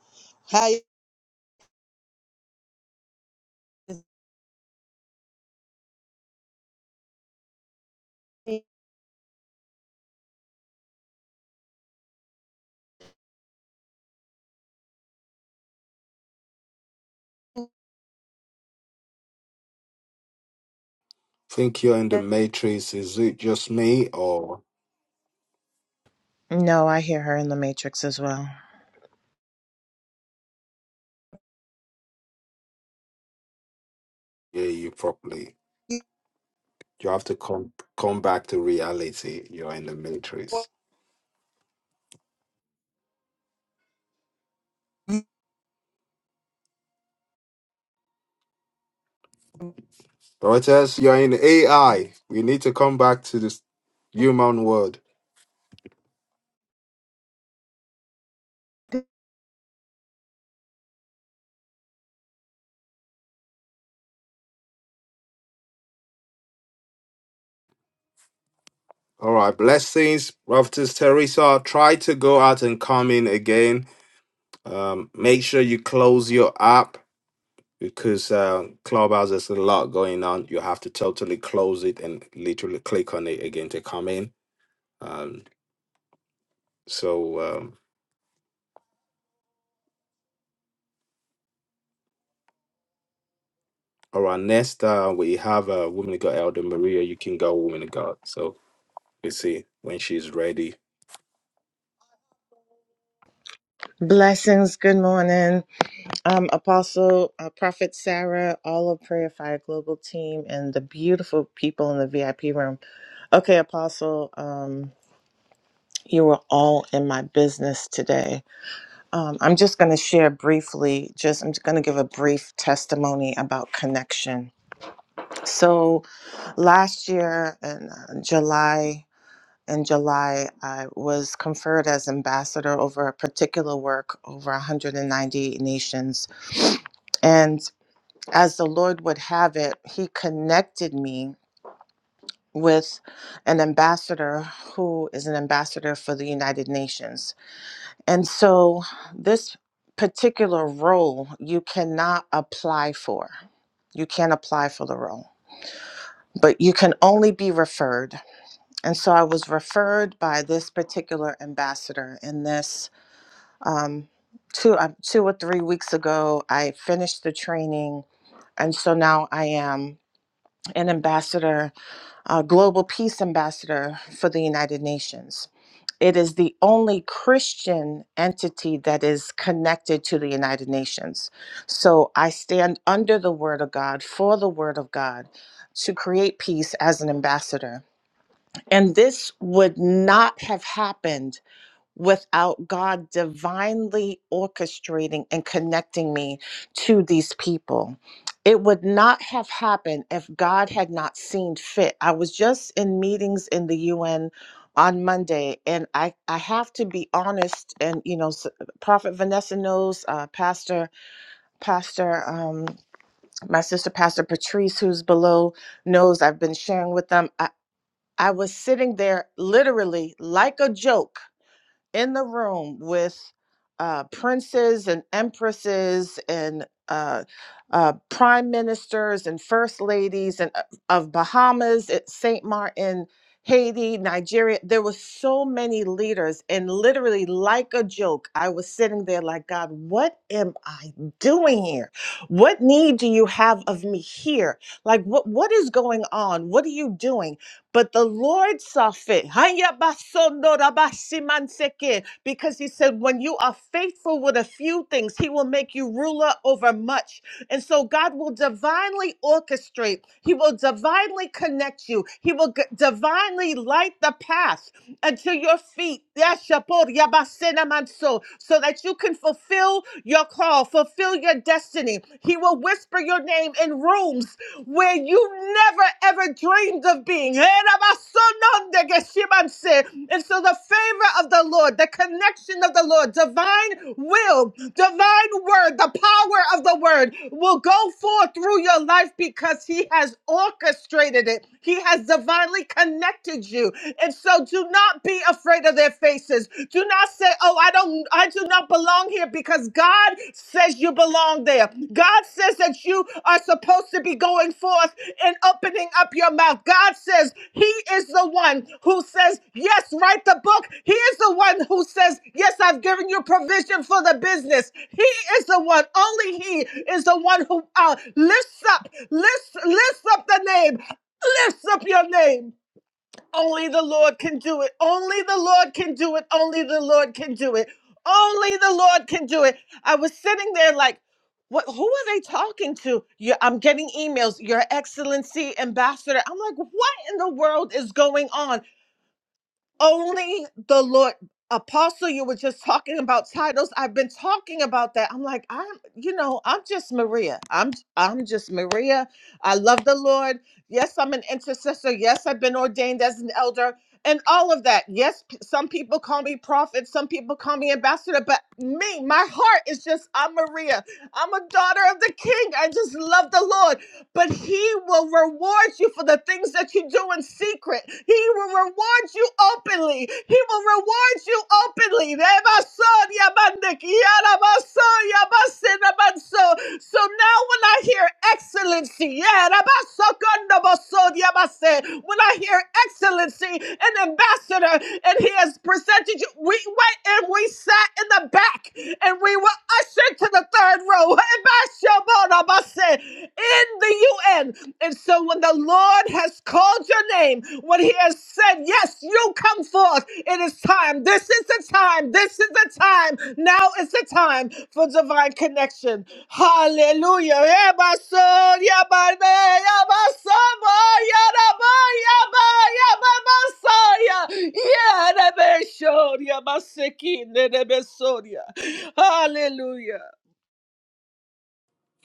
How
think you're in the matrix. Is it just me or
No, I hear her in the Matrix as well.
you
Reuters? You're in AI. We need to come back to this word. All right, blessings, Prophetess Teresa. Try to go out and come in again. Um, make sure you close your app because uh, Clubhouse there's a lot going on. You have to totally close it and literally click on it again to come in. Um, so, um, all right, next uh, we have a uh, woman of God, Elder Maria. You can go, woman of God. So we see when she's ready.
Blessings. Good morning. Um, Apostle, uh, Prophet Sarah, all of Prayer Fire Global team, and the beautiful people in the VIP room. Okay, Apostle, um, you were all in my business today. Um, I'm just going to share briefly, just I'm just going to give a brief testimony about connection. So last year in uh, July, in July, I was conferred as ambassador over a particular work over 198 nations. And as the Lord would have it, He connected me with an ambassador who is an ambassador for the United Nations. And so, this particular role you cannot apply for, you can't apply for the role. But you can only be referred. And so I was referred by this particular ambassador in this um, two uh, two or three weeks ago. I finished the training, and so now I am an ambassador, a global peace ambassador for the United Nations. It is the only Christian entity that is connected to the United Nations. So I stand under the Word of God for the Word of God to create peace as an ambassador. And this would not have happened without God divinely orchestrating and connecting me to these people. It would not have happened if God had not seen fit. I was just in meetings in the UN on Monday, and I, I have to be honest. And you know, s- Prophet Vanessa knows, uh, Pastor Pastor um, my sister Pastor Patrice, who's below, knows. I've been sharing with them. I, I was sitting there literally like a joke in the room with uh, princes and empresses and uh, uh, prime ministers and first ladies and uh, of Bahamas, at Saint Martin, Haiti, Nigeria. There were so many leaders, and literally, like a joke, I was sitting there like, God, what am I doing here? What need do you have of me here? Like, what what is going on? What are you doing? But the Lord saw fit. Haya basondo rabasimanseke. Because he said, when you are faithful with a few things, he will make you ruler over much. And so God will divinely orchestrate, he will divinely connect you, he will g- divinely light the path unto your feet. Yashapor yabasenamanso. So that you can fulfill your call, fulfill your destiny. He will whisper your name in rooms where you never ever dreamed of being. And so the favor of the Lord, the connection of the Lord, divine will, divine word, the power of the word will go forth through your life because he has orchestrated it. He has divinely connected you and so do not be afraid of their faces. Do not say, "Oh, I don't I do not belong here" because God says you belong there. God says that you are supposed to be going forth and opening up your mouth. God says he is the one who says, "Yes, write the book." He is the one who says, "Yes, I've given you provision for the business." He is the one. Only he is the one who uh, lifts up, lifts lifts up the name, lifts up your name only the Lord can do it. Only the Lord can do it. Only the Lord can do it. Only the Lord can do it. I was sitting there like, what, who are they talking to? You, I'm getting emails, Your Excellency, Ambassador. I'm like, what in the world is going on? only the Lord. Apostle, you were just talking about titles. I've been talking about that. I'm like, I'm, you know, I'm just Maria. I'm, I'm just Maria. I love the Lord. Yes, I'm an intercessor. Yes, I've been ordained as an elder and all of that. Yes, p- some people call me prophet. Some people call me ambassador, but me, my heart is just, I'm Maria. I'm a daughter of the king. I just love the Lord but he will reward you for the things that you do in secret. He will reward you openly. He will reward you openly. So now when I hear excellency, yeah, when I hear excellency, an ambassador, and he has presented you, we went and we sat in the back and we were ushered to the third row Ebashobodabase, in the UN. And so when the Lord has called your name, when he has said, yes, you come forth, it is time. This is the time. This is the time. Now is the time for divine connection. Hallelujah. Eba son, yaba ne, yaba sama, yaraba, yaba, yaba masaya. Yerebe shor, Hallelujah.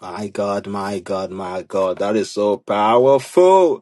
My God, my God, my God, that is so powerful.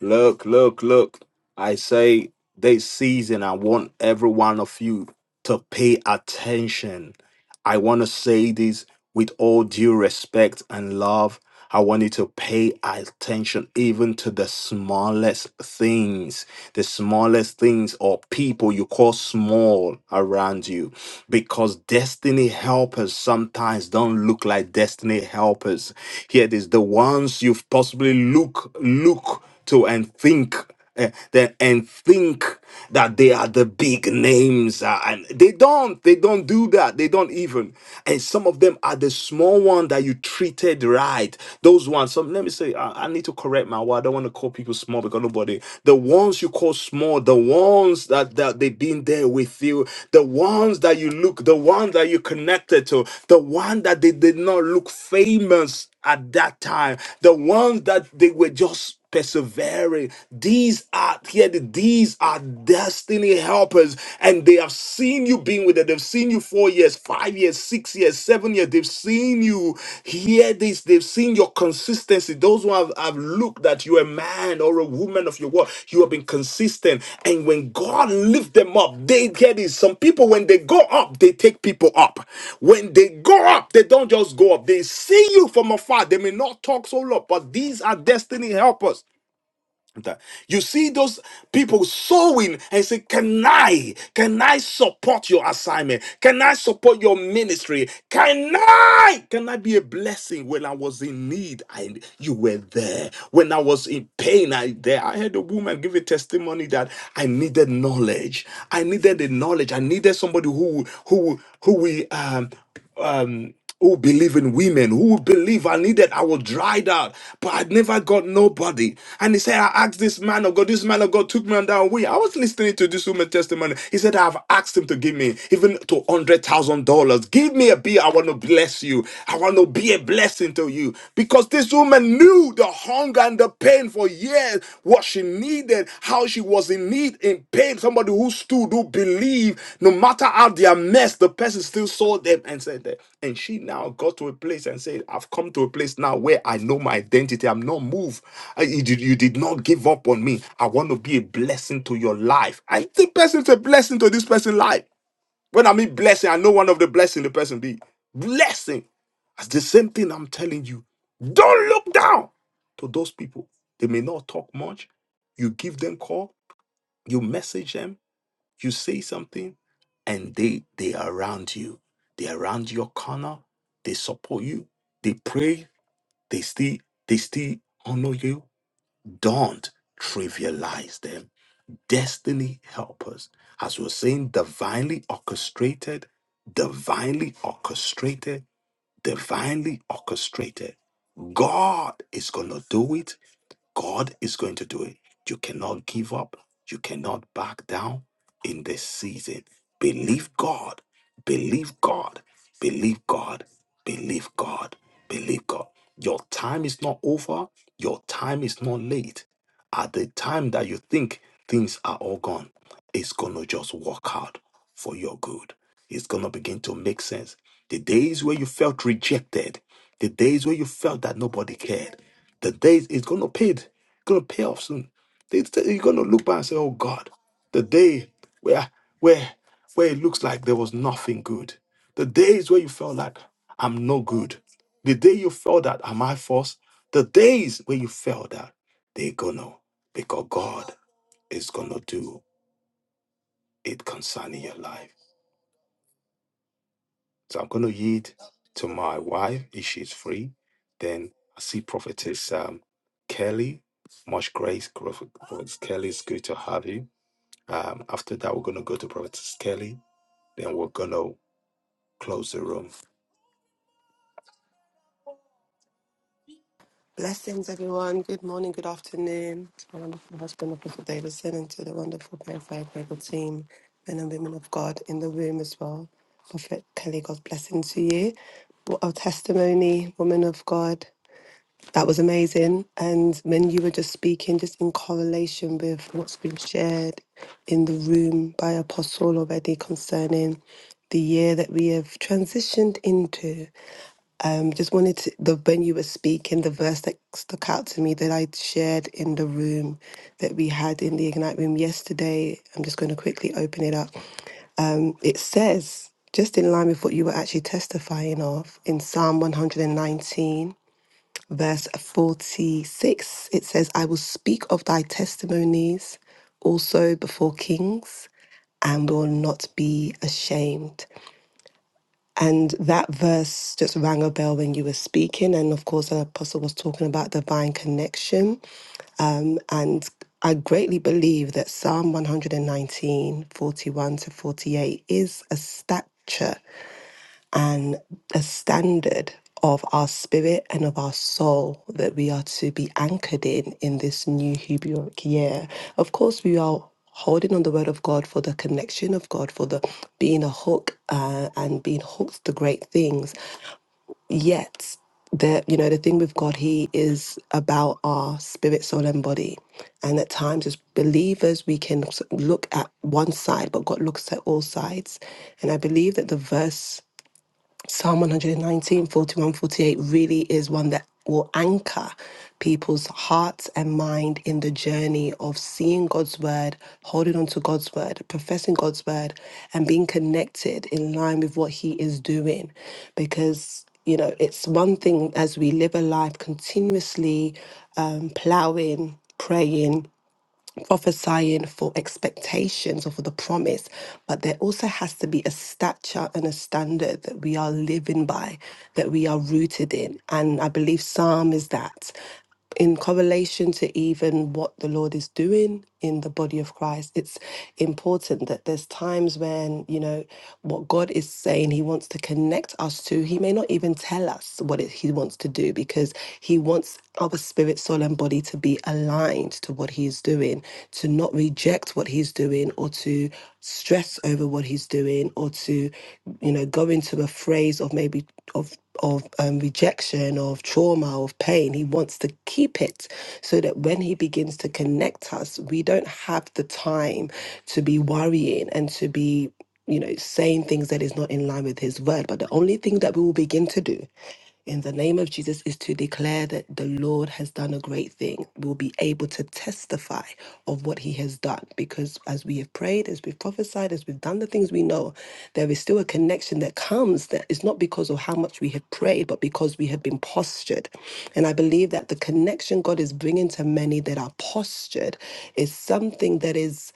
Look, look, look. I say this season, I want every one of you to pay attention. I want to say this with all due respect and love. I want you to pay attention even to the smallest things, the smallest things or people you call small around you, because destiny helpers sometimes don't look like destiny helpers. Here it is, the ones you've possibly look look to and think eh, then and think that they are the big names uh, and they don't they don't do that they don't even and some of them are the small one that you treated right those ones some let me say i, I need to correct my word i don't want to call people small because nobody the ones you call small the ones that that they've been there with you the ones that you look the one that you connected to the one that they did not look famous at that time the ones that they were just persevering. These are here, these are destiny helpers, and they have seen you being with them. They've seen you four years, five years, six years, seven years. They've seen you hear this, they've seen your consistency. Those who have, have looked at you a man or a woman of your word. You have been consistent. And when God lifts them up, they get it. Some people, when they go up, they take people up. When they go up, they don't just go up. They see you from afar. They may not talk so loud, but these are destiny helpers that. You see those people sowing and say, Can I? Can I support your assignment? Can I support your ministry? Can I? Can I be a blessing? When I was in need, I you were there. When I was in pain, I there. I had a woman give a testimony that I needed knowledge. I needed the knowledge. I needed somebody who who who will um um who believe in women, who believe I needed, I was dried out, but I never got nobody. And he said, I asked this man of God, this man of God took me on that way. I was listening to this woman's testimony. He said, I've asked him to give me even to $100,000. Give me a bill. I want to bless you. I want to be a blessing to you. Because this woman knew the hunger and the pain spent for years what she needed, how she was in need, in pain. Somebody who stood, who believed, no matter how their mess, the person still saw them and said that. And she now got to a place and said, I've come to a place now where I know my identity. I'm not moved. I- You did, you did not give up on me. I want to be a blessing to your life. And the person's a blessing to this person's life. When I mean blessing, I know one of the blessing the person be. Blessing. That's the same thing I'm telling you. Don't look down to those people. They may not talk much. You give them call, you message them, you say something, and they they are around you. They are around your corner. They support you. They pray. They still they still honor you. Don't trivialize them destiny helpers. As we're saying, divinely orchestrated, divinely orchestrated, divinely orchestrated. God is going to do it God is going to do it. You cannot give up. You cannot back down in this season. Believe God. Believe God. Believe God. Believe God. Believe God. Your time is not over. Your time is not late. At the time that you think things are all gone, it's going to just work out for your good. It's going to begin to make sense. The days where you felt rejected, the days where you felt that nobody cared, the days is gonna paid, gonna pay off soon. They- they- You're gonna look back and say, "Oh God, the day where where where it looks like there was nothing good, the days where you felt like I'm no good, the day you felt that am I forced, the days where you felt that they're gonna because God is gonna do it concerning your life." So I'm going to yield to my wife if she's free. Then I see Prophetess um, Kelly. Much grace, Prophet- Prophetess Kelly. It's good to have you. Um, after that, we're going to go to Prophetess Kelly. Then we're going to close the room.
Blessings, everyone. Good morning, good afternoon. To my wonderful husband, Apostle Davidson, and to the wonderful Purified Bible team, men and women of God in the room as well. Prophet Kelly, God's blessing to you. What a testimony, woman of God. That was amazing. And when you were just speaking, just in correlation with what's been shared in the room by Apostle already concerning the year that we have transitioned into. Um, just wanted to, the when you were speaking, the verse that stuck out to me that I shared in the room that we had in the Ignite room yesterday. I'm just going to quickly open it up. Um, it says, just in line with what you were actually testifying of in Psalm 119, verse 46, it says, I will speak of thy testimonies also before kings and will not be ashamed. And that verse just rang a bell when you were speaking. And of course, the apostle was talking about divine connection. And I greatly believe that Psalm 119, 41 to 48 is a stature and a standard of our spirit and of our soul that we are to be anchored in in this new Hebraic year. Of course, we are holding on the word of God for the connection of God, for the being a hook uh, and being hooked to great things yet the you know the thing with god he is about our spirit soul and body and at times as believers we can s- look at one side but god looks at all sides and i believe that the verse Psalm 119, 41, 48, really is one that will anchor people's hearts and mind in the journey of seeing God's word, holding on to God's word, professing God's word, and being connected in line with what He is doing. Because, you know, it's one thing as we live a life continuously um, plowing, praying, prophesying for expectations or for the promise, but there also has to be a stature and a standard that we are living by, that we are rooted in. And I believe Psalm is that in correlation to even what the Lord is doing in the body of Christ, it's important that there's times when, you know, what God is saying He wants to connect us to, He may not even tell us what it, He wants to do because He wants us spirit, soul, and body to be aligned to what He is doing, to not reject what He's doing or to stress over what He's doing or to, you know, go into a phrase of maybe of of um, rejection, of trauma, of pain. He wants to keep it so that when he begins to connect us, we don't have the time to be worrying and to be, you know, saying things that is not in line with his word. But the only thing that we will begin to do in the name of Jesus is to declare that the Lord has done a great thing. We'll be able to testify of what he has done because as we have prayed, as we've prophesied, as we've done the things we know, there is still a connection that comes that is not because of how much we have prayed, but because we have been postured. And I believe that the connection God is bringing to many that are postured is something that is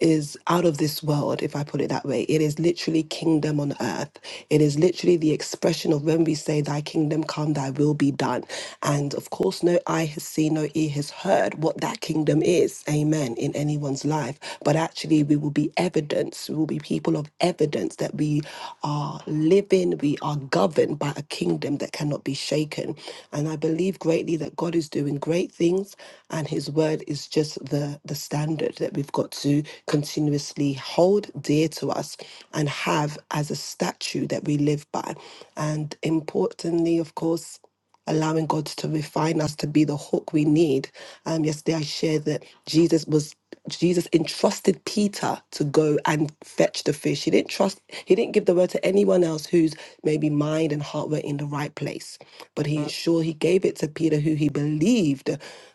is out of this world, if I put it that way. It is literally kingdom on earth. It is literally the expression of when we say, Thy kingdom come, thy will be done. And of course, no eye has seen, no ear has heard what that kingdom is, amen, in anyone's life. But actually, we will be evidence, we will be people of evidence that we are living, we are governed by a kingdom that cannot be shaken. And I believe greatly that God is doing great things, and his word is just the, the standard that we've got to continuously hold dear to us and have as a statue that we live by. And importantly, of course, allowing God to refine us to be the hook we need. Um, yesterday I shared that Jesus was Jesus entrusted Peter to go and fetch the fish. He didn't trust he didn't give the word to anyone else whose maybe mind and heart were in the right place. But he ensured he gave it to Peter who he believed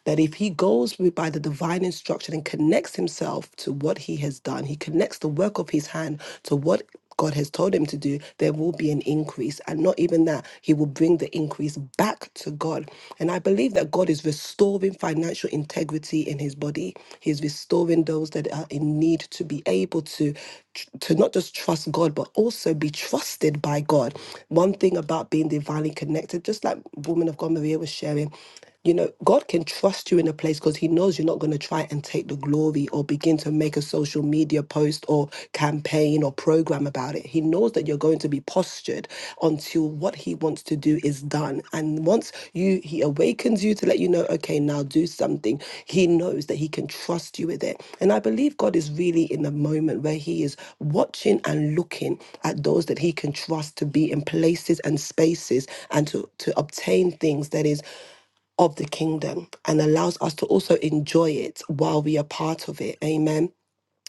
that if he goes with by the divine instruction and connects himself to what what he has done, he connects the work of his hand to what God has told him to do, there will be an increase. And not even that, he will bring the increase back to God. And I believe that God is restoring financial integrity in his body. He's restoring those that are in need to be able to to not just trust God, but also be trusted by God. One thing about being divinely connected, just like woman of God Maria was sharing, you know, God can trust you in a place because He knows you're not going to try and take the glory or begin to make a social media post or campaign or program about it. He knows that you're going to be postured until what He wants to do is done. And once you He awakens you to let you know, okay, now do something, He knows that He can trust you with it. And I believe God is really in the moment where He is watching and looking at those that He can trust to be in places and spaces and to, to obtain things that is of the kingdom and allows us to also enjoy it while we are part of it. Amen.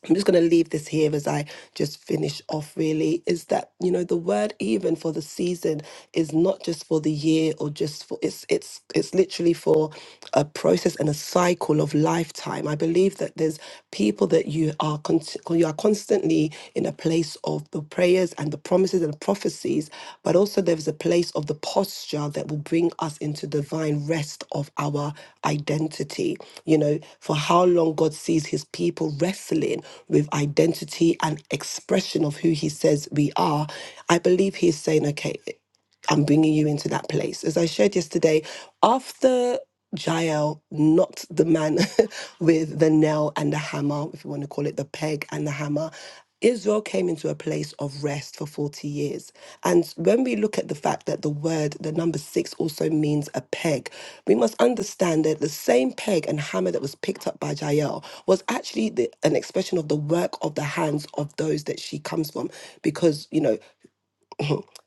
I'm just going to leave this here as I just finish off, really. Is that, you know, the word even for the season is not just for the year or just for, it's, it's, it's literally for a process and a cycle of lifetime. I believe that there's people that you are, con- you are constantly in a place of the of prayers and the promises and prophecies, but also there's a place of the posture that will bring us into divine rest of our identity. You know, for how long God sees his people wrestling with identity and expression of who he says we are, I believe he's saying, okay. I'm bringing you into that place. As I shared yesterday, after Jael knocked the man with the nail and the hammer, if you want to call it the peg and the hammer, Israel came into a place of rest for 40 years. And when we look at the fact that the word, the number six, also means a peg, we must understand that the same peg and hammer that was picked up by Jael was actually the, an expression of the work of the hands of those that she comes from. Because, you know,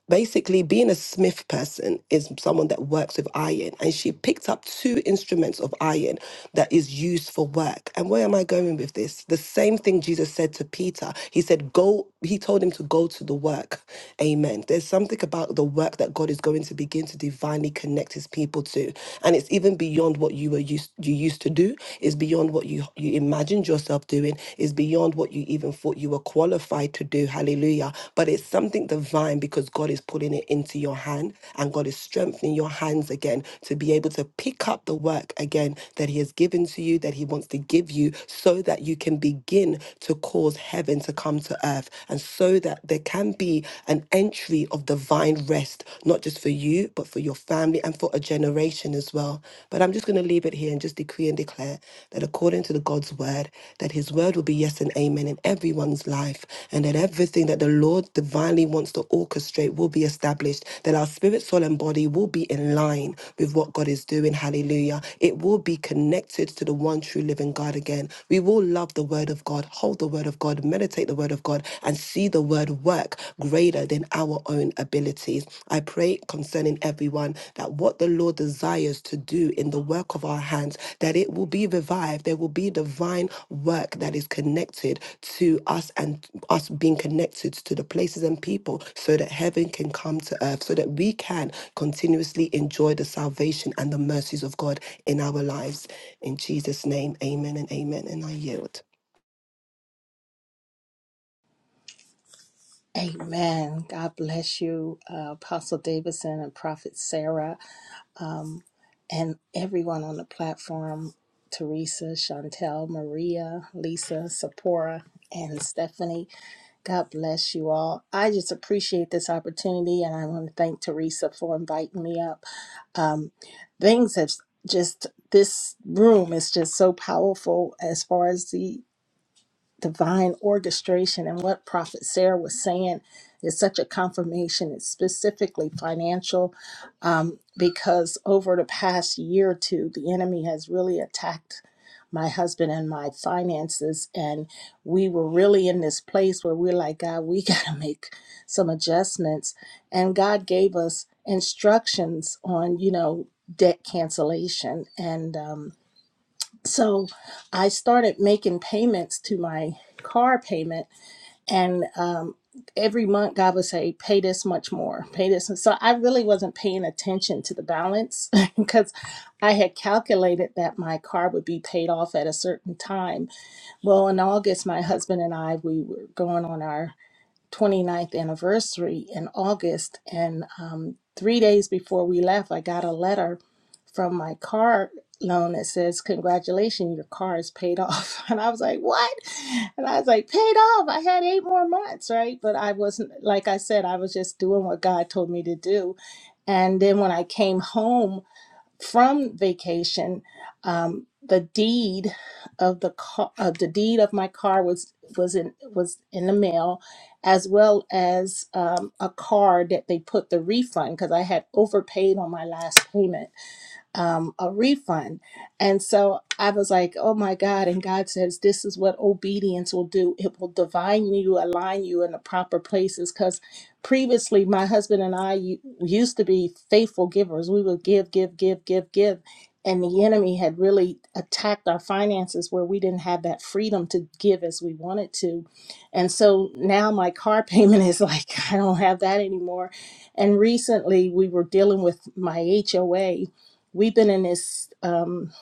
basically being a smith person is someone that works with iron and she picked up two instruments of iron that is used for work and where am i going with this the same thing jesus said to peter he said go he told him to go to the work amen there's something about the work that god is going to begin to divinely connect his people to and it's even beyond what you were used you used to do it's beyond what you you imagined found yourself doing is beyond what you even thought you were qualified to do. Hallelujah. But it's something divine because God is putting it into your hand and God is strengthening your hands again to be able to pick up the work again that He has given to you, that He wants to give you, so that you can begin to cause heaven to come to earth and so that there can be an entry of divine rest, not just for you, but for your your family, and for a generation as well. But I'm just going to leave it here and just decree and declare that according to the God's word, that his word will be yes and amen in everyone's life, and that everything that the Lord divinely wants to orchestrate will be established, that our spirit, soul, and body will be in line with what God is doing. Hallelujah. It will be connected to the one true living God again. We will love the word of God, hold the word of God, meditate the take the word of God and see the word work greater than our own abilities. I pray concerning everyone that what the Lord desires to do in the work of our hands, that it will be revived. There will be divine work that is connected to us and us being connected to the places and people so that heaven can come to earth, so that we can continuously enjoy the salvation and the mercies of God in our lives. In Jesus' name, amen and amen. And I yield.
Amen. God bless you, uh, Apostle Davidson and Prophet Sarah, and everyone on the platform Teresa, Chantel, Maria, Lisa, Sapora, and Stephanie. God bless you all. I just appreciate this opportunity, and I want to thank Teresa for inviting me up. Um, things have just this room is just so powerful as far as the divine orchestration and what prophet sarah was saying is such a confirmation it's specifically financial um, because over the past year or two the enemy has really attacked my husband and my finances and we were really in this place where we're like god we got to make some adjustments and god gave us instructions on you know debt cancellation and um, so I started making payments to my car payment, and um, every month God would say, "Pay this much more, pay this." And so I really wasn't paying attention to the balance because I had calculated that my car would be paid off at a certain time. Well, in August, my husband and I we were going on our 29th anniversary in August. And um, three days before we left, I got a letter from my car loan that says, Congratulations, your car is paid off. And I was like, What? And I was like, Paid off. I had eight more months, right? But I wasn't, like I said, I was just doing what God told me to do. And then when I came home, from vacation, um, the deed of the car, of the deed of my car was was in was in the mail, as well as um, a card that they put the refund because I had overpaid on my last payment um, a refund. And so I was like, oh my God. And God says, this is what obedience will do. It will divine you, align you in the proper places. Because previously, my husband and I u- used to be faithful givers. We would give, give, give, give, give. And the enemy had really attacked our finances where we didn't have that freedom to give as we wanted to. And so now my car payment is like, I don't have that anymore. And recently we were dealing with my HOA We've been in this um,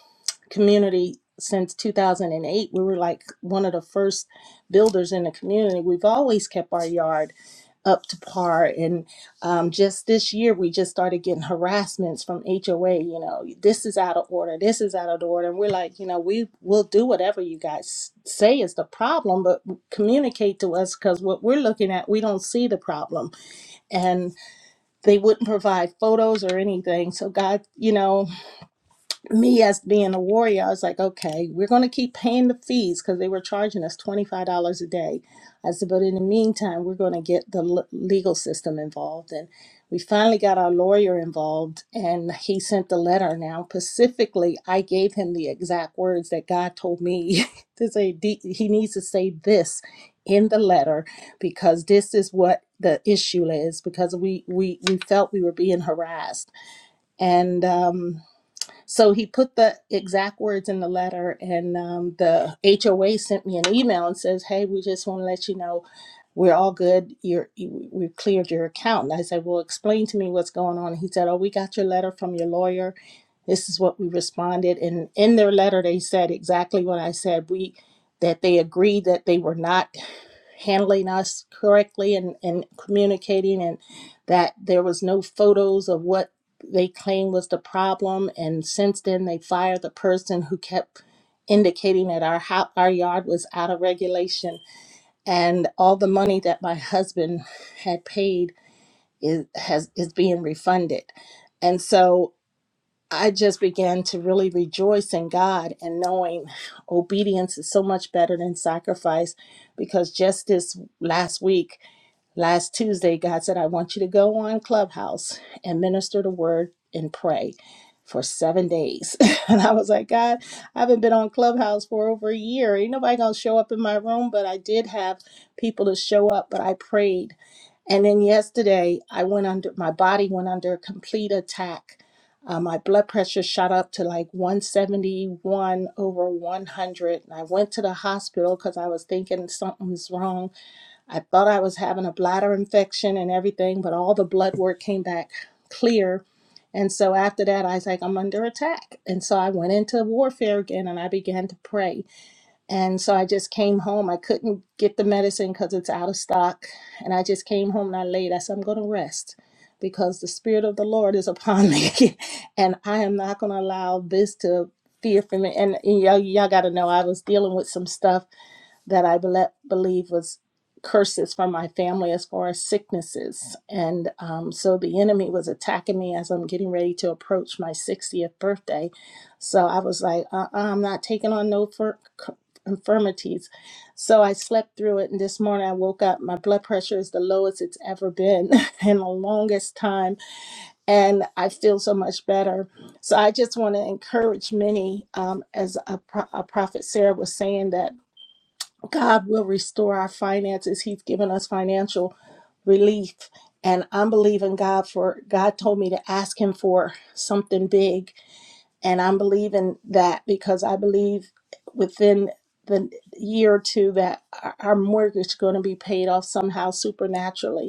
community since 2008. We were like one of the first builders in the community. We've always kept our yard up to par. And um, just this year, we just started getting harassments from HOA. You know, this is out of order. This is out of order. And we're like, you know, we will do whatever you guys say is the problem, but communicate to us because what we're looking at, we don't see the problem. And they wouldn't provide photos or anything. So God, you know, me as being a warrior, I was like, okay, we're going to keep paying the fees because they were charging us $25 a day. I said, but in the meantime, we're going to get the l- legal system involved. And we finally got our lawyer involved and he sent the letter. Now, specifically, I gave him the exact words that God told me to say. D- He needs to say this in the letter because this is what the issue is because we, we, we felt we were being harassed. And, um, so he put the exact words in the letter, and um, the HOA sent me an email and says, "Hey, we just want to let you know we're all good. You're, you, we cleared your account." And I said, "Well, explain to me what's going on." And He said, "Oh, we got your letter from your lawyer, this is what we responded. And in their letter, they said exactly what I said. We that they agreed that they were not handling us correctly and, and communicating and that there was no photos of what they claimed was the problem and since then they fired the person who kept indicating that our ho- our yard was out of regulation and all the money that my husband had paid is has is being refunded and so I just began to really rejoice in God and knowing obedience is so much better than sacrifice because just this last week Last Tuesday, God said, I want you to go on Clubhouse and minister the word and pray for seven days. and I was like, God, I haven't been on Clubhouse for over a year. Ain't nobody gonna show up in my room, but I did have people to show up, but I prayed. And then yesterday, I went under, my body went under a complete attack. Uh, my blood pressure shot up to like 171 over 100. And I went to the hospital because I was thinking something's wrong I thought I was having a bladder infection and everything, but all the blood work came back clear. And so after that, I was like, I'm under attack. And so I went into warfare again and I began to pray. And so I just came home. I couldn't get the medicine because it's out of stock. And I just came home and I laid. I said, I'm going to rest because the Spirit of the Lord is upon me. and I am not going to allow this to fear for me. And and y'all, y'all got to know I was dealing with some stuff that I bele believe was curses from my family as far as sicknesses. And um, so the enemy was attacking me as I'm getting ready to approach my 60th birthday. So I was like, uh-uh, I'm not taking on no fur- c- infirmities. So I slept through it. And this morning I woke up, my blood pressure is the lowest it's ever been in the longest time. And I feel so much better. So I just want to encourage many, um, as a, pro- a prophet Sarah was saying, that God will restore our finances. He's given us financial relief. And I'm believing God for, God told me to ask Him for something big. And I'm believing that because I believe within the year or two that our our mortgage is going to be paid off somehow supernaturally.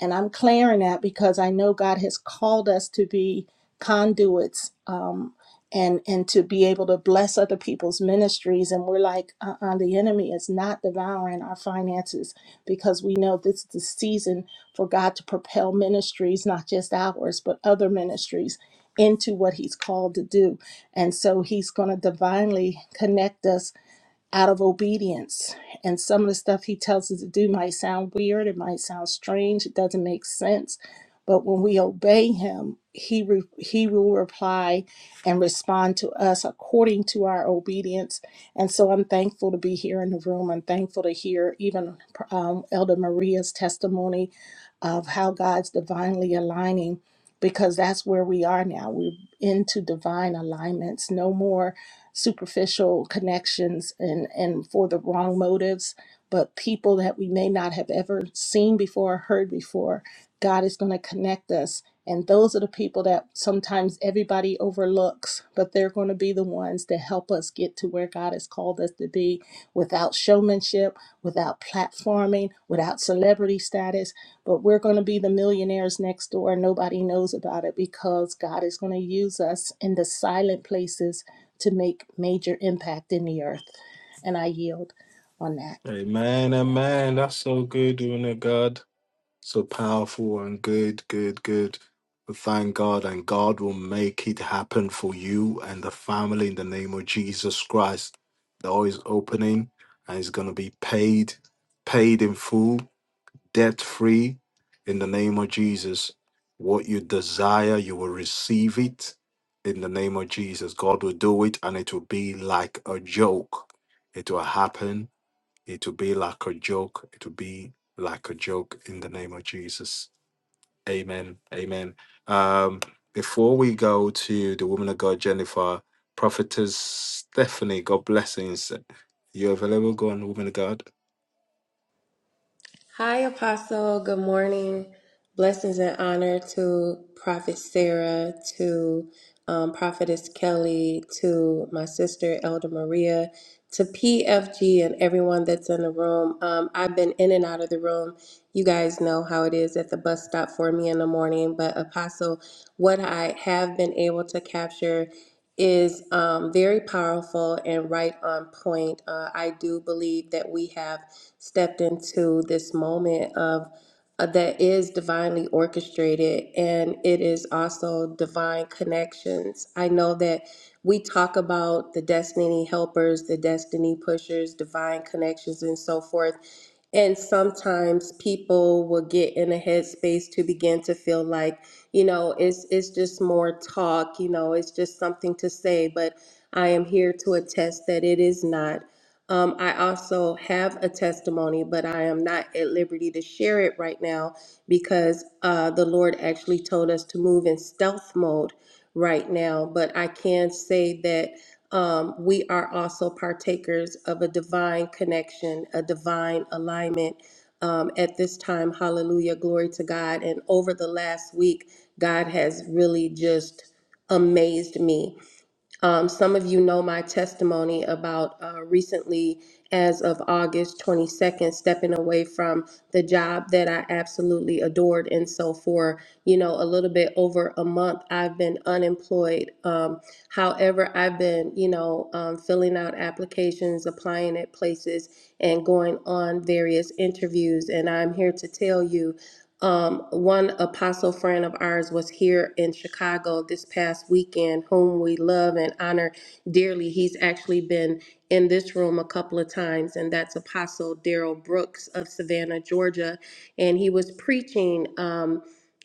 And I'm clearing that because I know God has called us to be conduits um, and and to be able to bless other people's ministries. And we're like, uh-uh, the enemy is not devouring our finances because we know this is the season for God to propel ministries, not just ours, but other ministries into what he's called to do. And so he's going to divinely connect us out of obedience. And some of the stuff he tells us to do might sound weird, it might sound strange, it doesn't make sense. But when we obey him, he, re- he will reply and respond to us according to our obedience. And so I'm thankful to be here in the room. I'm thankful to hear even um, Elder Maria's testimony of how God's divinely aligning, because that's where we are now. We're into divine alignments. No more superficial connections and, and for the wrong motives, but people that we may not have ever seen before, heard before, God is going to connect us and those are the people that sometimes everybody overlooks, but they're going to be the ones that help us get to where God has called us to be without showmanship, without platforming, without celebrity status. But we're going to be the millionaires next door. Nobody knows about it because God is going to use us in the silent places to make major impact in the earth. And I yield on that.
Amen, amen. That's so good, woman of God. So powerful and good, good, good. We Thank God, and God will make it happen for you and the family in the name of Jesus Christ. The door is opening and it's going to be paid, paid in full, debt free in the name of Jesus. What you desire, you will receive it in the name of Jesus. God will do it and it will be like a joke. It will happen it will be like a joke. It will be like a joke in the name of Jesus. Amen. Amen. Um, before we go to the woman of God, Jennifer, prophetess Stephanie, God blessings. You available? Go on, woman of God.
Hi, Apostle. Good morning. Blessings and honor to Prophet Sarah, to um, Prophetess Kelly, to my sister, Elder Maria, to PFG, and everyone that's in the room. Um, I've been in and out of the room. You guys know how it is at the bus stop for me in the morning. But, Apostle, what I have been able to capture is um, very powerful and right on point. Uh, I do believe that we have stepped into this moment of uh, that is divinely orchestrated and it is also divine connections. I know that we talk about the destiny helpers, the destiny pushers, divine connections, and so forth. And sometimes people will get in a headspace to begin to feel like, you know, it's it's just more talk, you know, it's just something to say, but I am here to attest that it is not. Um, I also have a testimony, but I am not at liberty to share it right now because uh, the Lord actually told us to move in stealth mode right now. But I can say that um, we are also partakers of a divine connection, a divine alignment. Um, at this time, hallelujah, glory to God. And over the last week, God has really just amazed me um, some of you know my testimony about uh, recently, as of August 22nd, stepping away from the job that I absolutely adored. And so, for you know, a little bit over a month, I've been unemployed. Um, however, I've been, you know, um, filling out applications, applying at places, and going on various interviews. And I'm here to tell you um, one apostle friend of ours was here in Chicago this past weekend, whom we love and honor dearly. He's actually been in this room a couple of times, and that's Apostle Daryl Brooks of Savannah, Georgia. And he was preaching um,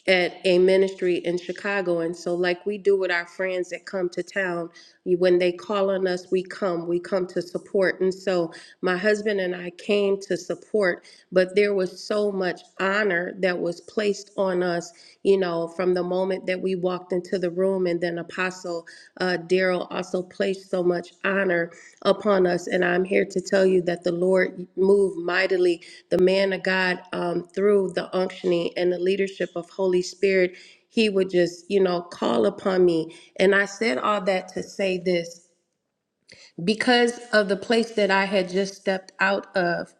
at a ministry in Chicago. And so, like we do with our friends that come to town, you- when they call on us, we come, we come to support. And so, my husband and I came to support but there was so much honor that was placed on us, you know, from the moment that we walked into the room. And then Apostle uh, Daryl also placed so much honor upon us. And I'm here to tell you that the Lord moved mightily. The man of God, um, through the unctioning and the leadership of Holy Spirit, he would just, you know, call upon me. And I said all that to say this because of the place that I had just stepped out of,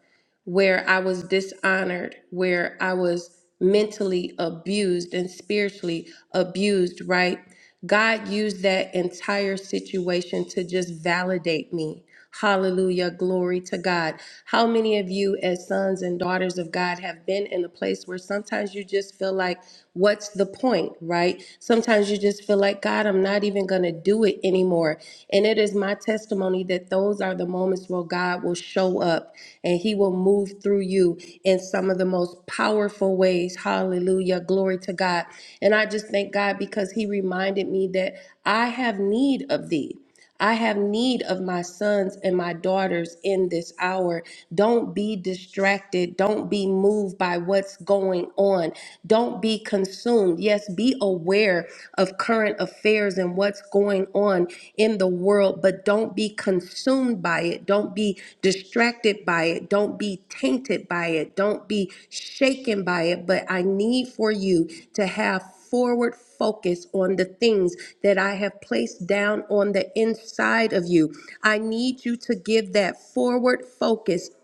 where I was dishonored, where I was mentally abused and spiritually abused, right? God used that entire situation to just validate me. Hallelujah. Glory to God. How many of you, as sons and daughters of God, have been in a place where sometimes you just feel like, what's that's the point, right? Sometimes you just feel like, God, I'm not even going to do it anymore. And it is my testimony that those are the moments where God will show up and he will move through you in some of the most powerful ways. Hallelujah. Glory to God. And I just thank God because he reminded me that I have need of thee. I have need of my sons and my daughters in this hour. Don't be distracted. Don't be moved by what's going on. Don't be consumed. Yes, be aware of current affairs and what's going on in the world, but don't be consumed by it. Don't be distracted by it. Don't be tainted by it. Don't be shaken by it. But I need for you to have forward focus on the things that I have placed down on the inside of you. I need you to give that forward focus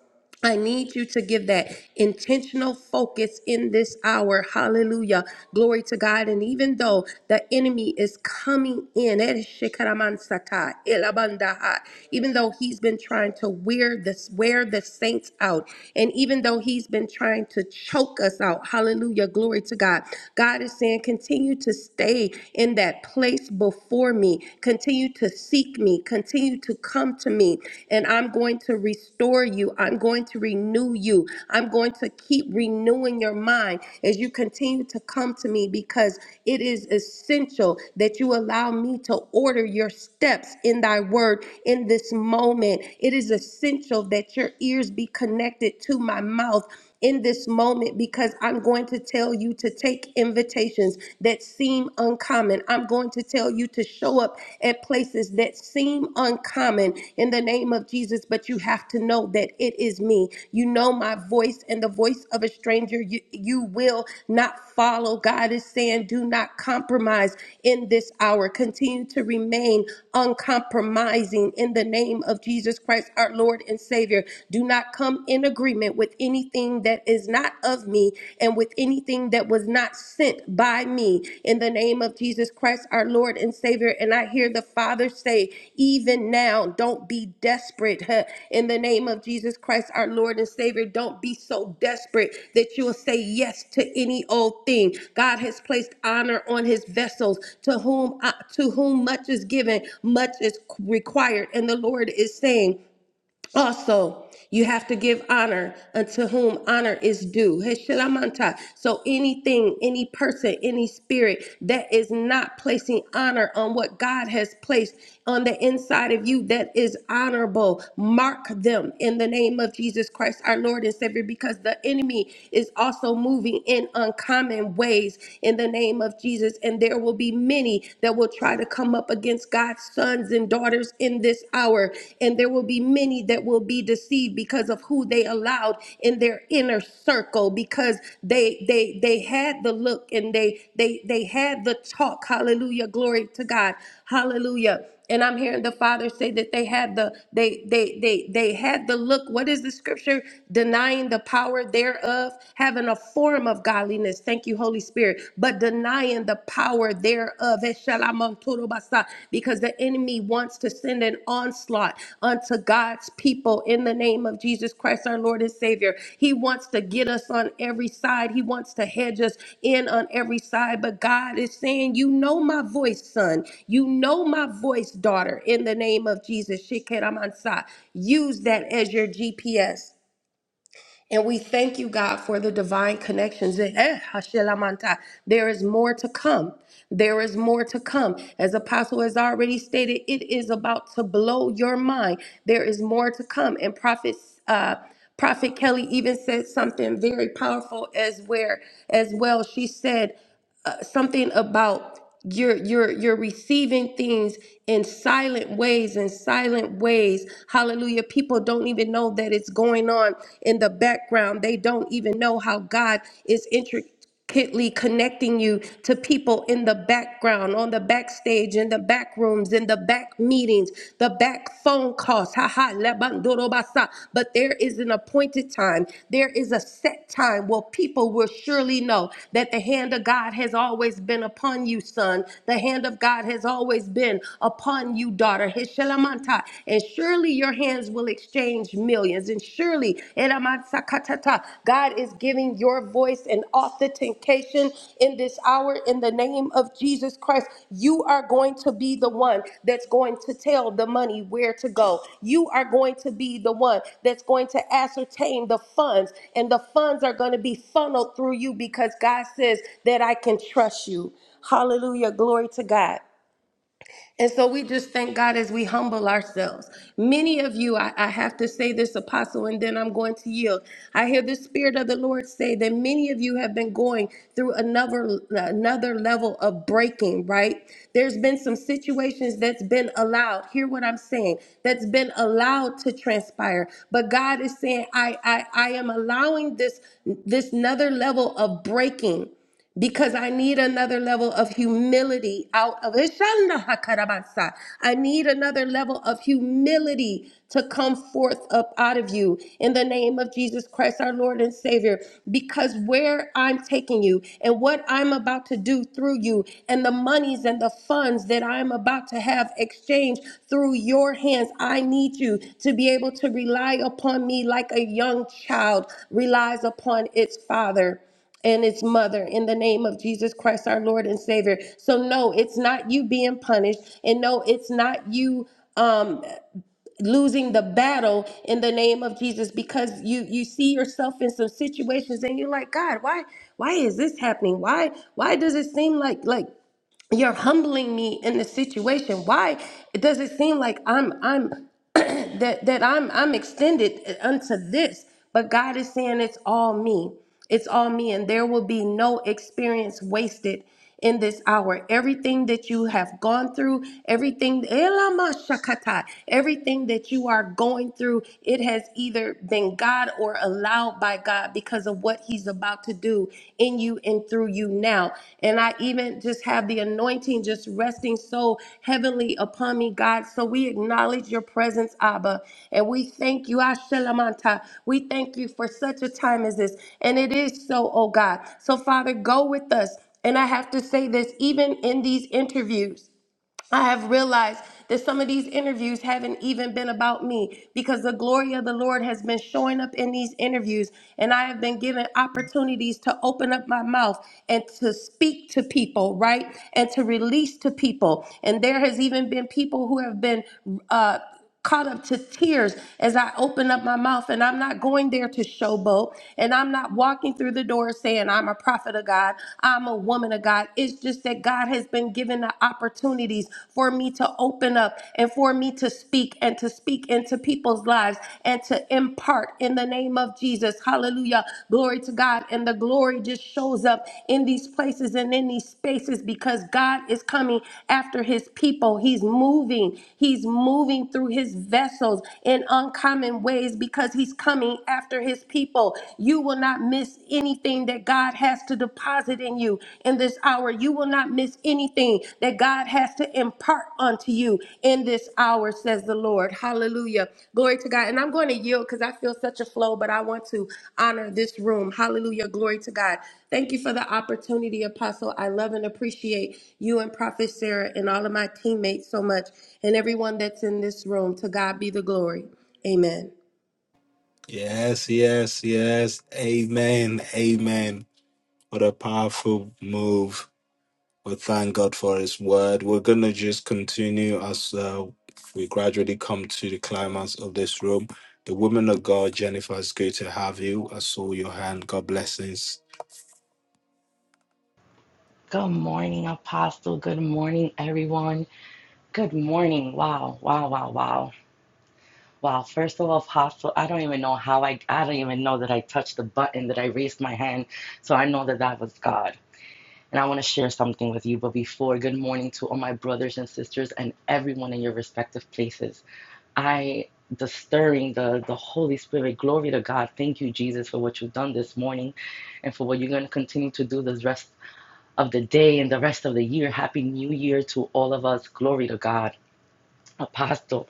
I need you to give that intentional focus in this hour. Hallelujah. Glory to God. And even though the enemy is coming in, eh, shikaramansakai, elabandaha, even though he's been trying to wear this, wear the saints out, and even though he's been trying to choke us out, hallelujah. Glory to God. God is saying, continue to stay in that place before me. Continue to seek me me. Continue to come to me, and I'm going to restore you. I'm going to renew you. I'm going to keep renewing your mind as you continue to come to me because it is essential that you allow me to order your steps in thy word in this moment. It is essential that your ears be connected to my mouth in this moment because I'm going to tell you to take invitations that seem uncommon. I'm going to tell you to show up at places that seem uncommon in the name of Jesus, but you have to know that it is me. You know my voice and the voice of a stranger you, you will not follow. God is saying, do not compromise in this hour. Continue to remain uncompromising in the name of Jesus Christ, our Lord and Savior. Do not not come in agreement with anything that is not of me and with anything that was not sent by me. In the name of Jesus Christ, our Lord and Savior. And I hear the Father say, even now, don't be desperate. huh? In the name of Jesus Christ, our Lord and Savior, don't be so desperate that you'll say yes to any old thing. God has placed honor on his vessels. To whom, uh, to whom much is given, much is required. And the Lord is saying, also, you have to give honor unto whom honor is due. Heshilamanta. So, anything, any person, any spirit that is not placing honor on what God has placed on the inside of you that is honorable, mark them in the name of Jesus Christ, our Lord and Savior, because the enemy is also moving in uncommon ways in the name of Jesus. And there will be many that will try to come up up against God's sons and daughters in this hour. And there will be many that will be deceived because of who they allowed in their inner circle because they they they had the look and they they they had the talk. Hallelujah. Glory to God. Hallelujah. And I'm hearing the Father say that they had the they they they they had the look. What is the scripture? Denying the power thereof, having a form of godliness. Thank you, Holy Spirit, but denying the power thereof. Eshalamanturubasa, Because the enemy wants to send an onslaught. God unto God's people in the name of Jesus Christ, our Lord and Savior. He wants to get us on every side, He wants to hedge us in on every side. But God is saying, You know my voice, son. You know my voice, daughter, in the name of Jesus. Shikeramansa. Use that as your GPS. And we thank you, God, for the divine connections. that- eh, hashelamanta. There is more to come. There is more to come. As Apostle has already stated, it is about to blow your mind. There is more to come. And Prophet, uh, Prophet Kelly even said something very powerful as where as well. She said uh, something about you're you're you're receiving things in silent ways in silent ways hallelujah people don't even know that it's going on in the background they don't even know how god is intricately connecting you to people in the background on the backstage in the back rooms in the back meetings the back collect phone calls. Ha ha, lebandorobasa. But there is an appointed time. There is a set time where people will surely know that the hand of God has always been upon you, son. The hand of God has always been upon you, daughter. Hishelamanta. And surely your hands will exchange millions. And surely, eramansakatata, God is giving giving your voice an authentication in this hour in the name of Jesus Christ. You are going to be the one that's going to tell the money where to go. You are going to be the one that's going to ascertain the funds, and the funds are going to be funneled through you because God says that I can trust you. Hallelujah. Glory to God. And so we just thank God as we humble ourselves. Many of you, I, I have to say this, Apostle, and then I'm going to yield. I hear the Spirit of the Lord say that many of you have been going through another another level of breaking. Right? There's been some situations that's been allowed. Hear what I'm saying? That's been allowed to transpire. But God is saying, I I, I am allowing this this another level of breaking because I need another level of humility out of Ishanda Hakarabasa. I need another level of humility to come forth up out of you in the name of Jesus Christ, our Lord and Savior. Because where I'm taking you and what I'm about to do through you, and the monies and the funds that I'm about to have exchanged through your hands, I need you to be able to rely upon me like a young child relies upon its father and its mother in the name of Jesus Christ, our Lord and Savior. So, no, it's not you being punished, and no, it's not you um losing the battle in the name of Jesus because you you see yourself in some situations and you're like God why why is this happening why why does it seem like like you're humbling me in the situation why does it seem like i'm i'm that that i'm i'm extended unto this but god is saying it's all me it's all me and there will be no experience wasted in this hour everything that you have gone through everything Elamashakata, everything that you are going through it has either been god God or allowed by God because of what He's about to do in you and through you now. And I even just have the anointing just resting so heavenly upon me, God. So we acknowledge your presence, Abba. And we thank you, Ashelamanta. We thank you for such a time as this. And it is so, oh God. So, Father, go with us. And I have to say this, even in these interviews. I have realized that some of these interviews haven't even been about me because the glory of the Lord has been showing up in these interviews. And I have been given opportunities to open up my mouth and to speak to people, right? And to release to people. And there has even been people who have been. Uh, caught up to tears as I open up my mouth and I'm not going there to showboat and I'm not walking through the door saying I'm a prophet of God, I'm a woman of God. It's just that God has been given the opportunities for me to open up and for me to speak and to speak into people's lives and to impart in the name of Jesus. Hallelujah. Glory to God to God, and the glory just shows up in these places and in these spaces because God is coming after his people. He's moving, he's moving through his vessels in uncommon ways because he's coming after his people. You will not miss anything that God has to deposit in you in this hour. You will not miss anything that God God has to impart unto you in this hour, says the Lord. Hallelujah. Glory to God. And I'm going to yield because I feel such a flow, but I want to honor this room. Hallelujah. Glory to God. Thank you for the opportunity, Apostle. I love and appreciate you and Prophet Sarah and all of my teammates so much and everyone that's in this room. To God be the glory. Amen.
Yes, yes, yes. Amen. Amen. What a powerful move. We thank God for His word. We're going to just continue as uh, we gradually come to the climax of this room. The woman of God, Jennifer, it's good to have you. I saw your hand. God blessings.
Good morning, Apostle. Good morning, everyone. Good morning. Wow, wow, wow, wow. Wow, first of all, Apostle, I don't even know how I, I don't even know that I touched the button, that I raised my hand. So I know that that was God. And I want to share something with you. But before, good morning to all my brothers and sisters and everyone in your respective places. I, the stirring, the, the Holy Spirit, glory to God. Thank you, Jesus, for what you've done this morning and for what you're going to continue to do the rest of the day and the rest of the year. Happy New Year to all of us. Glory to God. Apostle,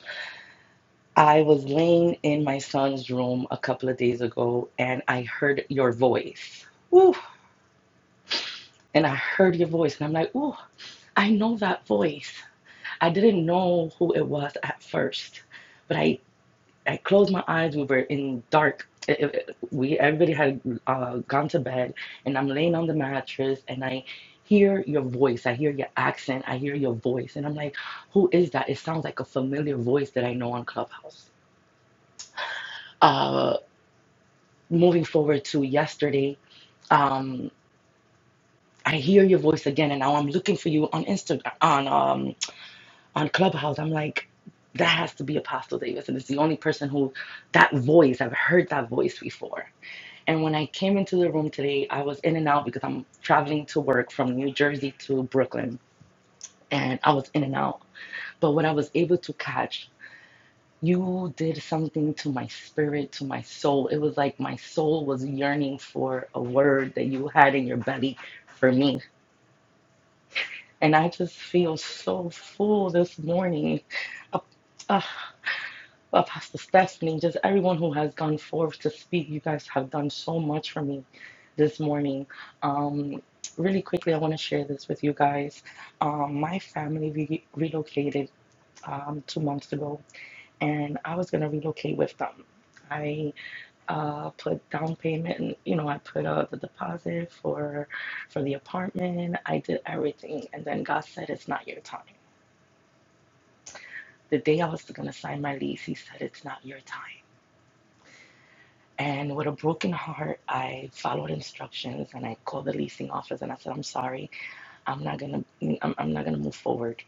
I was laying in my son's room a couple of days ago and I heard your voice. Ooh, and I heard your voice and I'm like, ooh, I know that voice. I didn't know who it was at first, but I I closed my eyes. We were in dark. It- it- we everybody had uh, gone to bed, and I'm laying on the mattress, and I hear your voice. I hear your accent. I hear your voice, and I'm like, "Who is that?" It sounds like a familiar voice that I know on Clubhouse. Uh, moving forward to yesterday, um, I hear your voice again, and now I'm looking for you on Instagram on um, on Clubhouse. I'm like, that has to be Apostle Davis, and it's the only person who that voice I've heard that voice before And when I came into the room today, I was in and out because I'm traveling to work from New Jersey to Brooklyn. And I was in and out. But what I was able to catch, you did something to my spirit, to my soul. It was like my soul was yearning for a word that you had in your belly for me. And I just feel so full this morning. Uh, uh, Well, Pastor Stephanie, just everyone who has gone forth to speak. You guys have done so much for me this morning. Um, really quickly, I want to share this with you guys. Um, my family re- relocated um, two months ago, and I was going to relocate with them. I uh, put down payment, and you know, I put uh, the deposit for for the apartment. I did everything, and then God said, "It's not your time." The day I was going to sign my lease, He said, "It's not your time." And with a broken heart, I followed instructions and I called the leasing office and I said, I'm sorry, I'm not gonna, I'm, I'm not gonna move forward.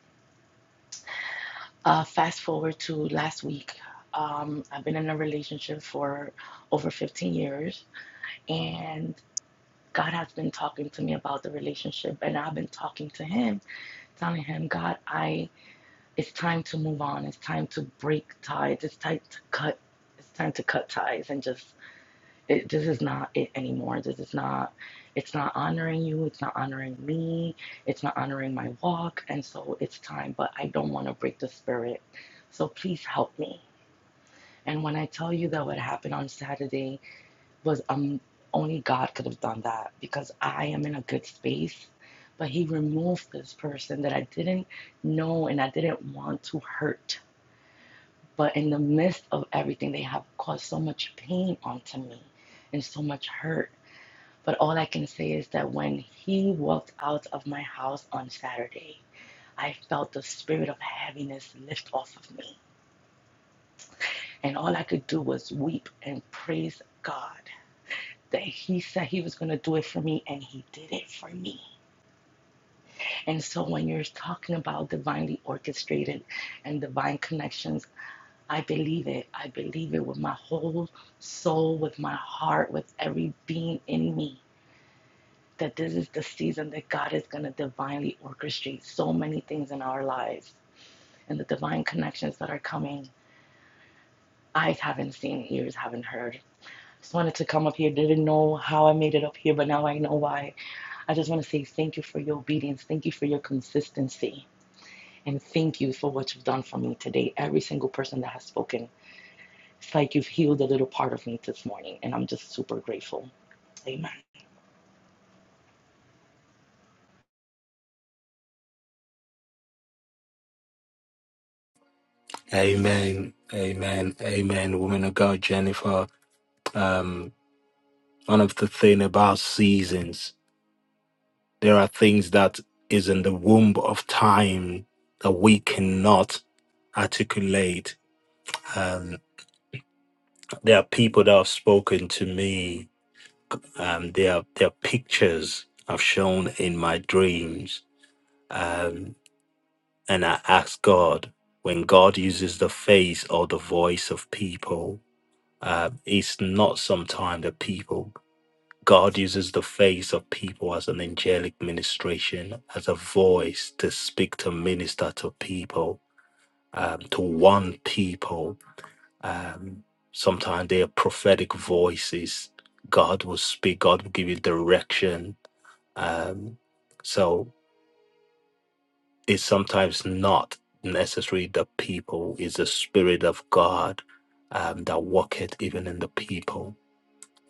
Uh, fast forward to last week. Um, I've been in a relationship for over 15 years and God has been talking to me about the relationship and I've been talking to him, telling him, God, I, it's time to move on. It's time to break ties. It's time to cut, it's time to cut ties and just It, this is not it anymore. This is not, it's not honoring you. It's not honoring me. It's not honoring my walk. And so it's time, but I don't want to break the spirit. So please help me. And when I tell you that what happened on Saturday was um, only God could have done that because I am in a good space. But he removed this person that I didn't know and I didn't want to hurt. But in the midst of everything, they have caused so much pain onto me and so much hurt but all I can say is that when he walked out of my house on Saturday, I felt the spirit of heaviness lift off of me. And all I could do was weep and praise God that he said he was going to do it for me and he did it for me. And so when you're talking about divinely orchestrated and divine connections, I believe it. I believe it with my whole soul, with my heart, with every being in me. that this is the season that God is going to divinely orchestrate so many things in our lives and the divine connections that are coming. Eyes haven't seen, ears haven't heard. Just wanted to come up here. Didn't know how I made it up here, but now I know why. I just want to say thank you for your obedience. Thank you for your consistency. And thank you for what you've done for me today. Every single person that has spoken, it's like you've healed a little part of me this morning. And I'm just super grateful. Amen.
Amen. Amen. Amen. Woman of God, Jennifer. Um, one of the thing about seasons, there are things that is in the womb of time that we cannot articulate. Um, there are people that have spoken to me Um, their there pictures I've shown in my dreams. Um, and I ask God, when God uses the face or the voice of people, uh, it's not sometimes the people. God uses the face of people as an angelic ministration, as a voice to speak to minister to people, um, to one people. Um, sometimes they are prophetic voices. God will speak, God will give you direction Um, so it's sometimes not necessarily the people, it's the Spirit of God um, that worketh even in the people.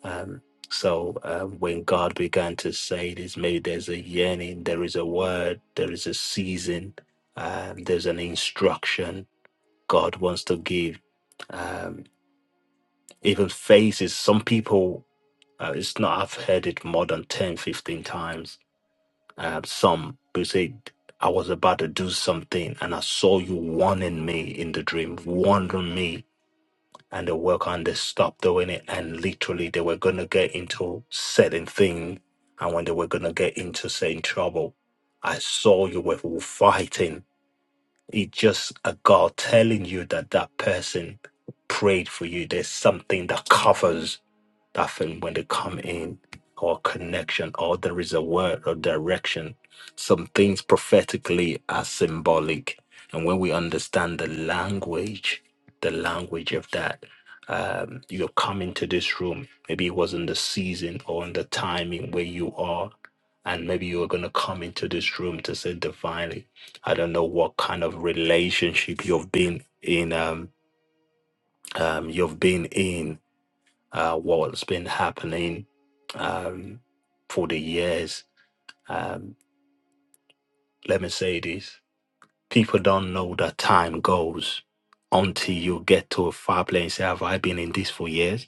Um, so um, when God began to say this, maybe there's a yearning, there is a word, there is a season, um, there's an instruction God wants to give. Um, even faces, some people, uh, it's not, I've heard it more than 10, 15 times I uh, some who said, I was about to do something and I saw you warning me in the dream, warning me. And the work on they stopped doing it. And literally, they were going to get into certain thing. And when they were going to get into certain trouble, I saw you were fighting. It just a God telling you that that person prayed for you. There's something that covers. That thing when they come in, or connection, or there is a word or direction. Some things prophetically are symbolic. And when we understand the language, the language of that, um, you have come into this room. Maybe it wasn't the season or in the timing where you are. And maybe you are going to come into this room to say divinely. I don't know what kind of relationship you've been in. Um, um, you've been in uh, what's been happening um, for the years. Um, let me say this people don't know that time goes until you get to a far place and say, Have I been in this for years?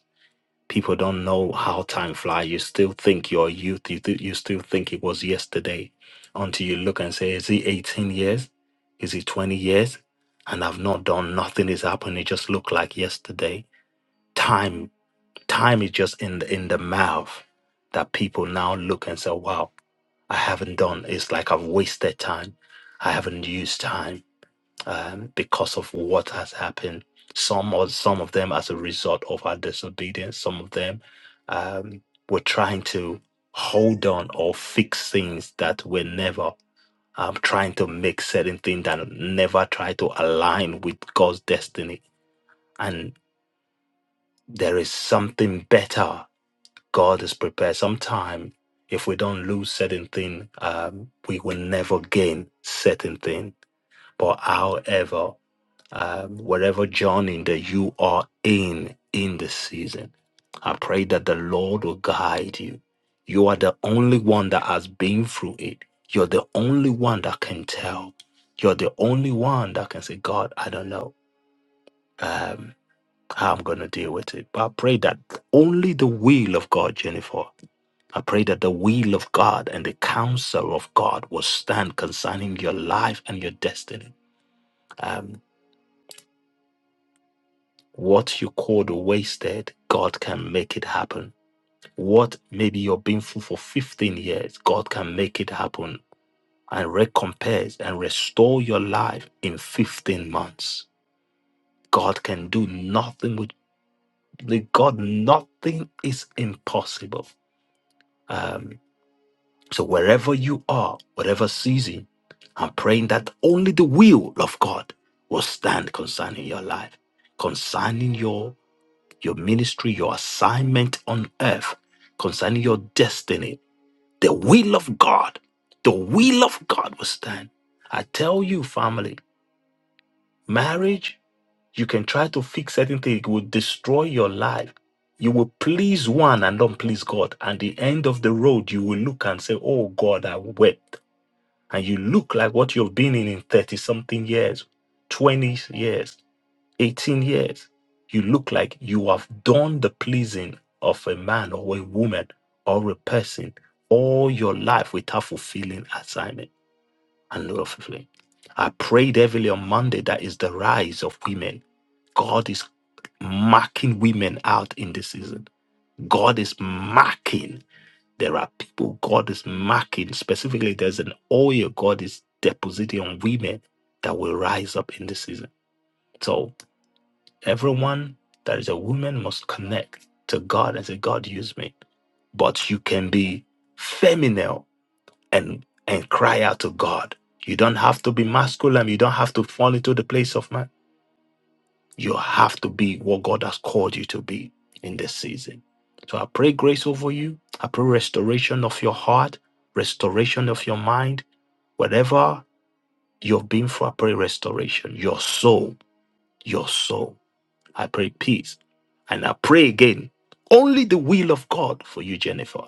People don't know how time flies. You still think your youth, you, th- you still think it was yesterday until you look and say, Is it 18 years? Is it 20 years? And I've not done nothing is happening. It just looked like yesterday. Time Time is just in the in the mouth that people now look and say, "Wow, I haven't done. It's like I've wasted time. I haven't used time um, because of what has happened. Some or some of them as a result of our disobedience. Some of them um, were trying to hold on or fix things that were never. Um, trying to make certain things that never try to align with God's destiny. And there is something better God is prepared. Sometime, if we don't lose certain thing, um, we will never gain certain thing. But however, um, wherever journey that you are in in this season, I pray that the Lord will guide you. You are the only one that has been through it. You're the only one that can tell. You're the only one that can say, God, I don't know um, how I'm going to deal with it. But I pray that only the will of God, Jennifer, I pray that the will of God and the counsel of God will stand concerning your life and your destiny. Um, what you called wasted, God can make it happen. What maybe you're being full for 15 years, God can make it happen and recompense and restore your life in 15 months. God can do nothing with with God, nothing is impossible. Um, So wherever you are, whatever season, I'm praying that only the will of God will stand concerning your life, concerning your your ministry, your assignment on earth, concerning your destiny. The will of God, the will of God will stand. I tell you, family, marriage, you can try to fix certain things, it will destroy your life. You will please one and don't please God. And the end of the road, you will look and say, Oh God, I wept and you look like what you've been in in 30 something years, 20 years, 18 years, you look like you have done the pleasing of a man or a woman or a person all your life without fulfilling assignment and not fulfilling. I prayed heavily on Monday that is the rise of women. God is marking women out in this season. God is marking. There are people God is marking. Specifically, there's an oil God is depositing on women that will rise up in this season. So everyone that is a woman must connect to God and say, God, use me. But you can be feminine and and cry out to God. You don't have to be masculine. You don't have to fall into the place of man you have to be what God has called you to be in this season. So I pray grace over you. I pray restoration of your heart, restoration of your mind. Whatever you've been through, I pray restoration. Your soul, your soul. I pray peace. And I pray again, only the will of God for you, Jennifer.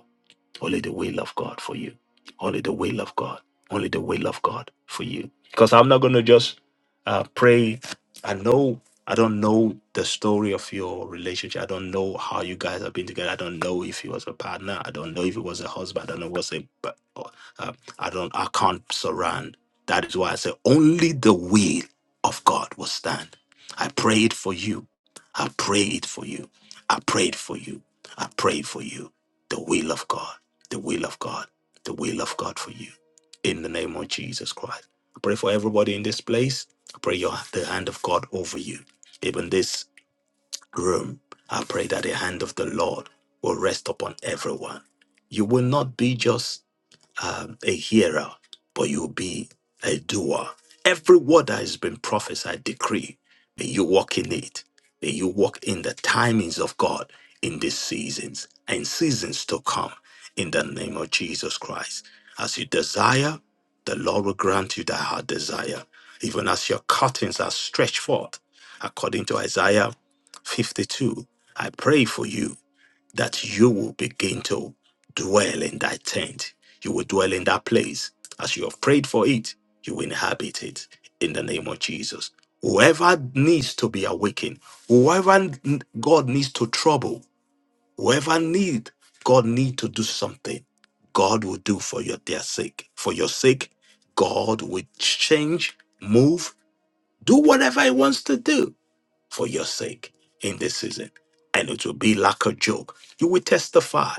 Only the will of God for you. Only the will of God. Only the will of God for you. Because I'm not going to just uh, pray. I know, I don't know the story of your relationship. I don't know how you guys have been together. I don't know if he was a partner. I don't know if he was a husband. I don't know what's a, but, uh, I don't, I can't surround. That is why I say only the will of God will stand. I pray it for you. I pray it for you. I prayed for you. I pray for you. The will of God the will of God, the will of God for you in the name of Jesus Christ. I pray for everybody in this place. I pray your, the hand of God over you. Even this room, I pray that the hand of the Lord will rest upon everyone. You will not be just um, a hearer, but you'll be a doer. Every word that has been prophesied, decree, may you walk in it. May you walk in the timings of God in these seasons and seasons to come in the name of Jesus Christ. As you desire, the Lord will grant you that heart desire, even as your curtains are stretched forth. According to Isaiah 52, I pray for you that you will begin to dwell in that tent. You will dwell in that place. As you have prayed for it, you will inhabit it in the name of Jesus. Whoever needs to be awakened, whoever n- God needs to trouble, whoever need God need to do something, God will do for your dear sake. For your sake, God will change, move, do whatever He wants to do for your sake in this season. And it will be like a joke. You will testify.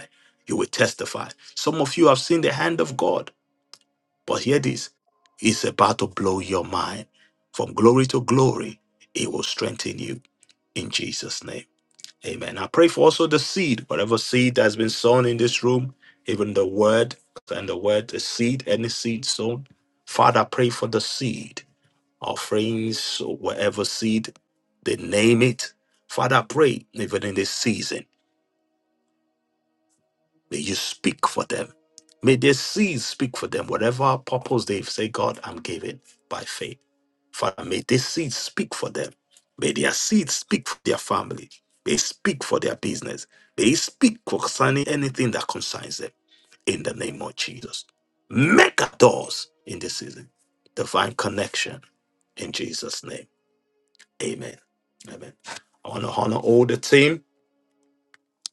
You will testify. Some of you have seen the hand of God, but hear this it's about to blow your mind. From glory to glory, it will strengthen you in Jesus' name. Amen. I pray for also the seed, whatever seed that has been sown in this room, even the word and the word, the seed, any seed sown. Father, I pray for the seed offerings, or whatever seed, they name it. Father, I pray even in this season, may you speak for them. May their seeds speak for them, whatever purpose they've said, God, I'm giving by faith. Father, may this seed speak for them. May their seeds speak for their family. May it speak for their business. May it speak concerning anything that concerns them in the name of Jesus. Make doors in this season. Divine connection in Jesus' name. Amen. Amen. I want to honor all the team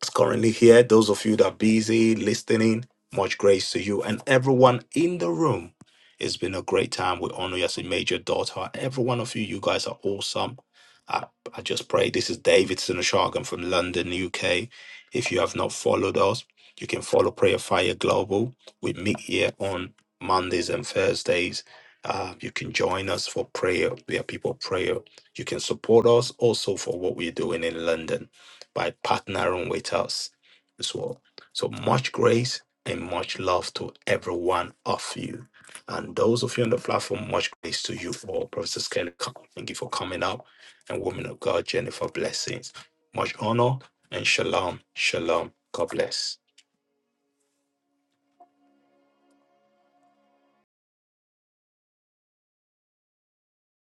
is currently here, those of you that are busy listening, much grace to you. And everyone in the room, it's been a great time. We honor you as a major daughter. Every one of you, you guys are awesome. I, I just pray. This is Davidson Sinoshagan from London, UK. If you have not followed us, you can follow Prayer Fire Global. We meet here on Mondays and Thursdays. Uh, you can join us for prayer. We are people of prayer. You can support us also for what we're doing in London by partnering with us as well. So much grace and much love to every one of you. And those of you on the platform, much grace to you all. Professor Skelly, thank you for coming up. And woman of God, Jennifer, blessings. Much honor and shalom. Shalom. God bless.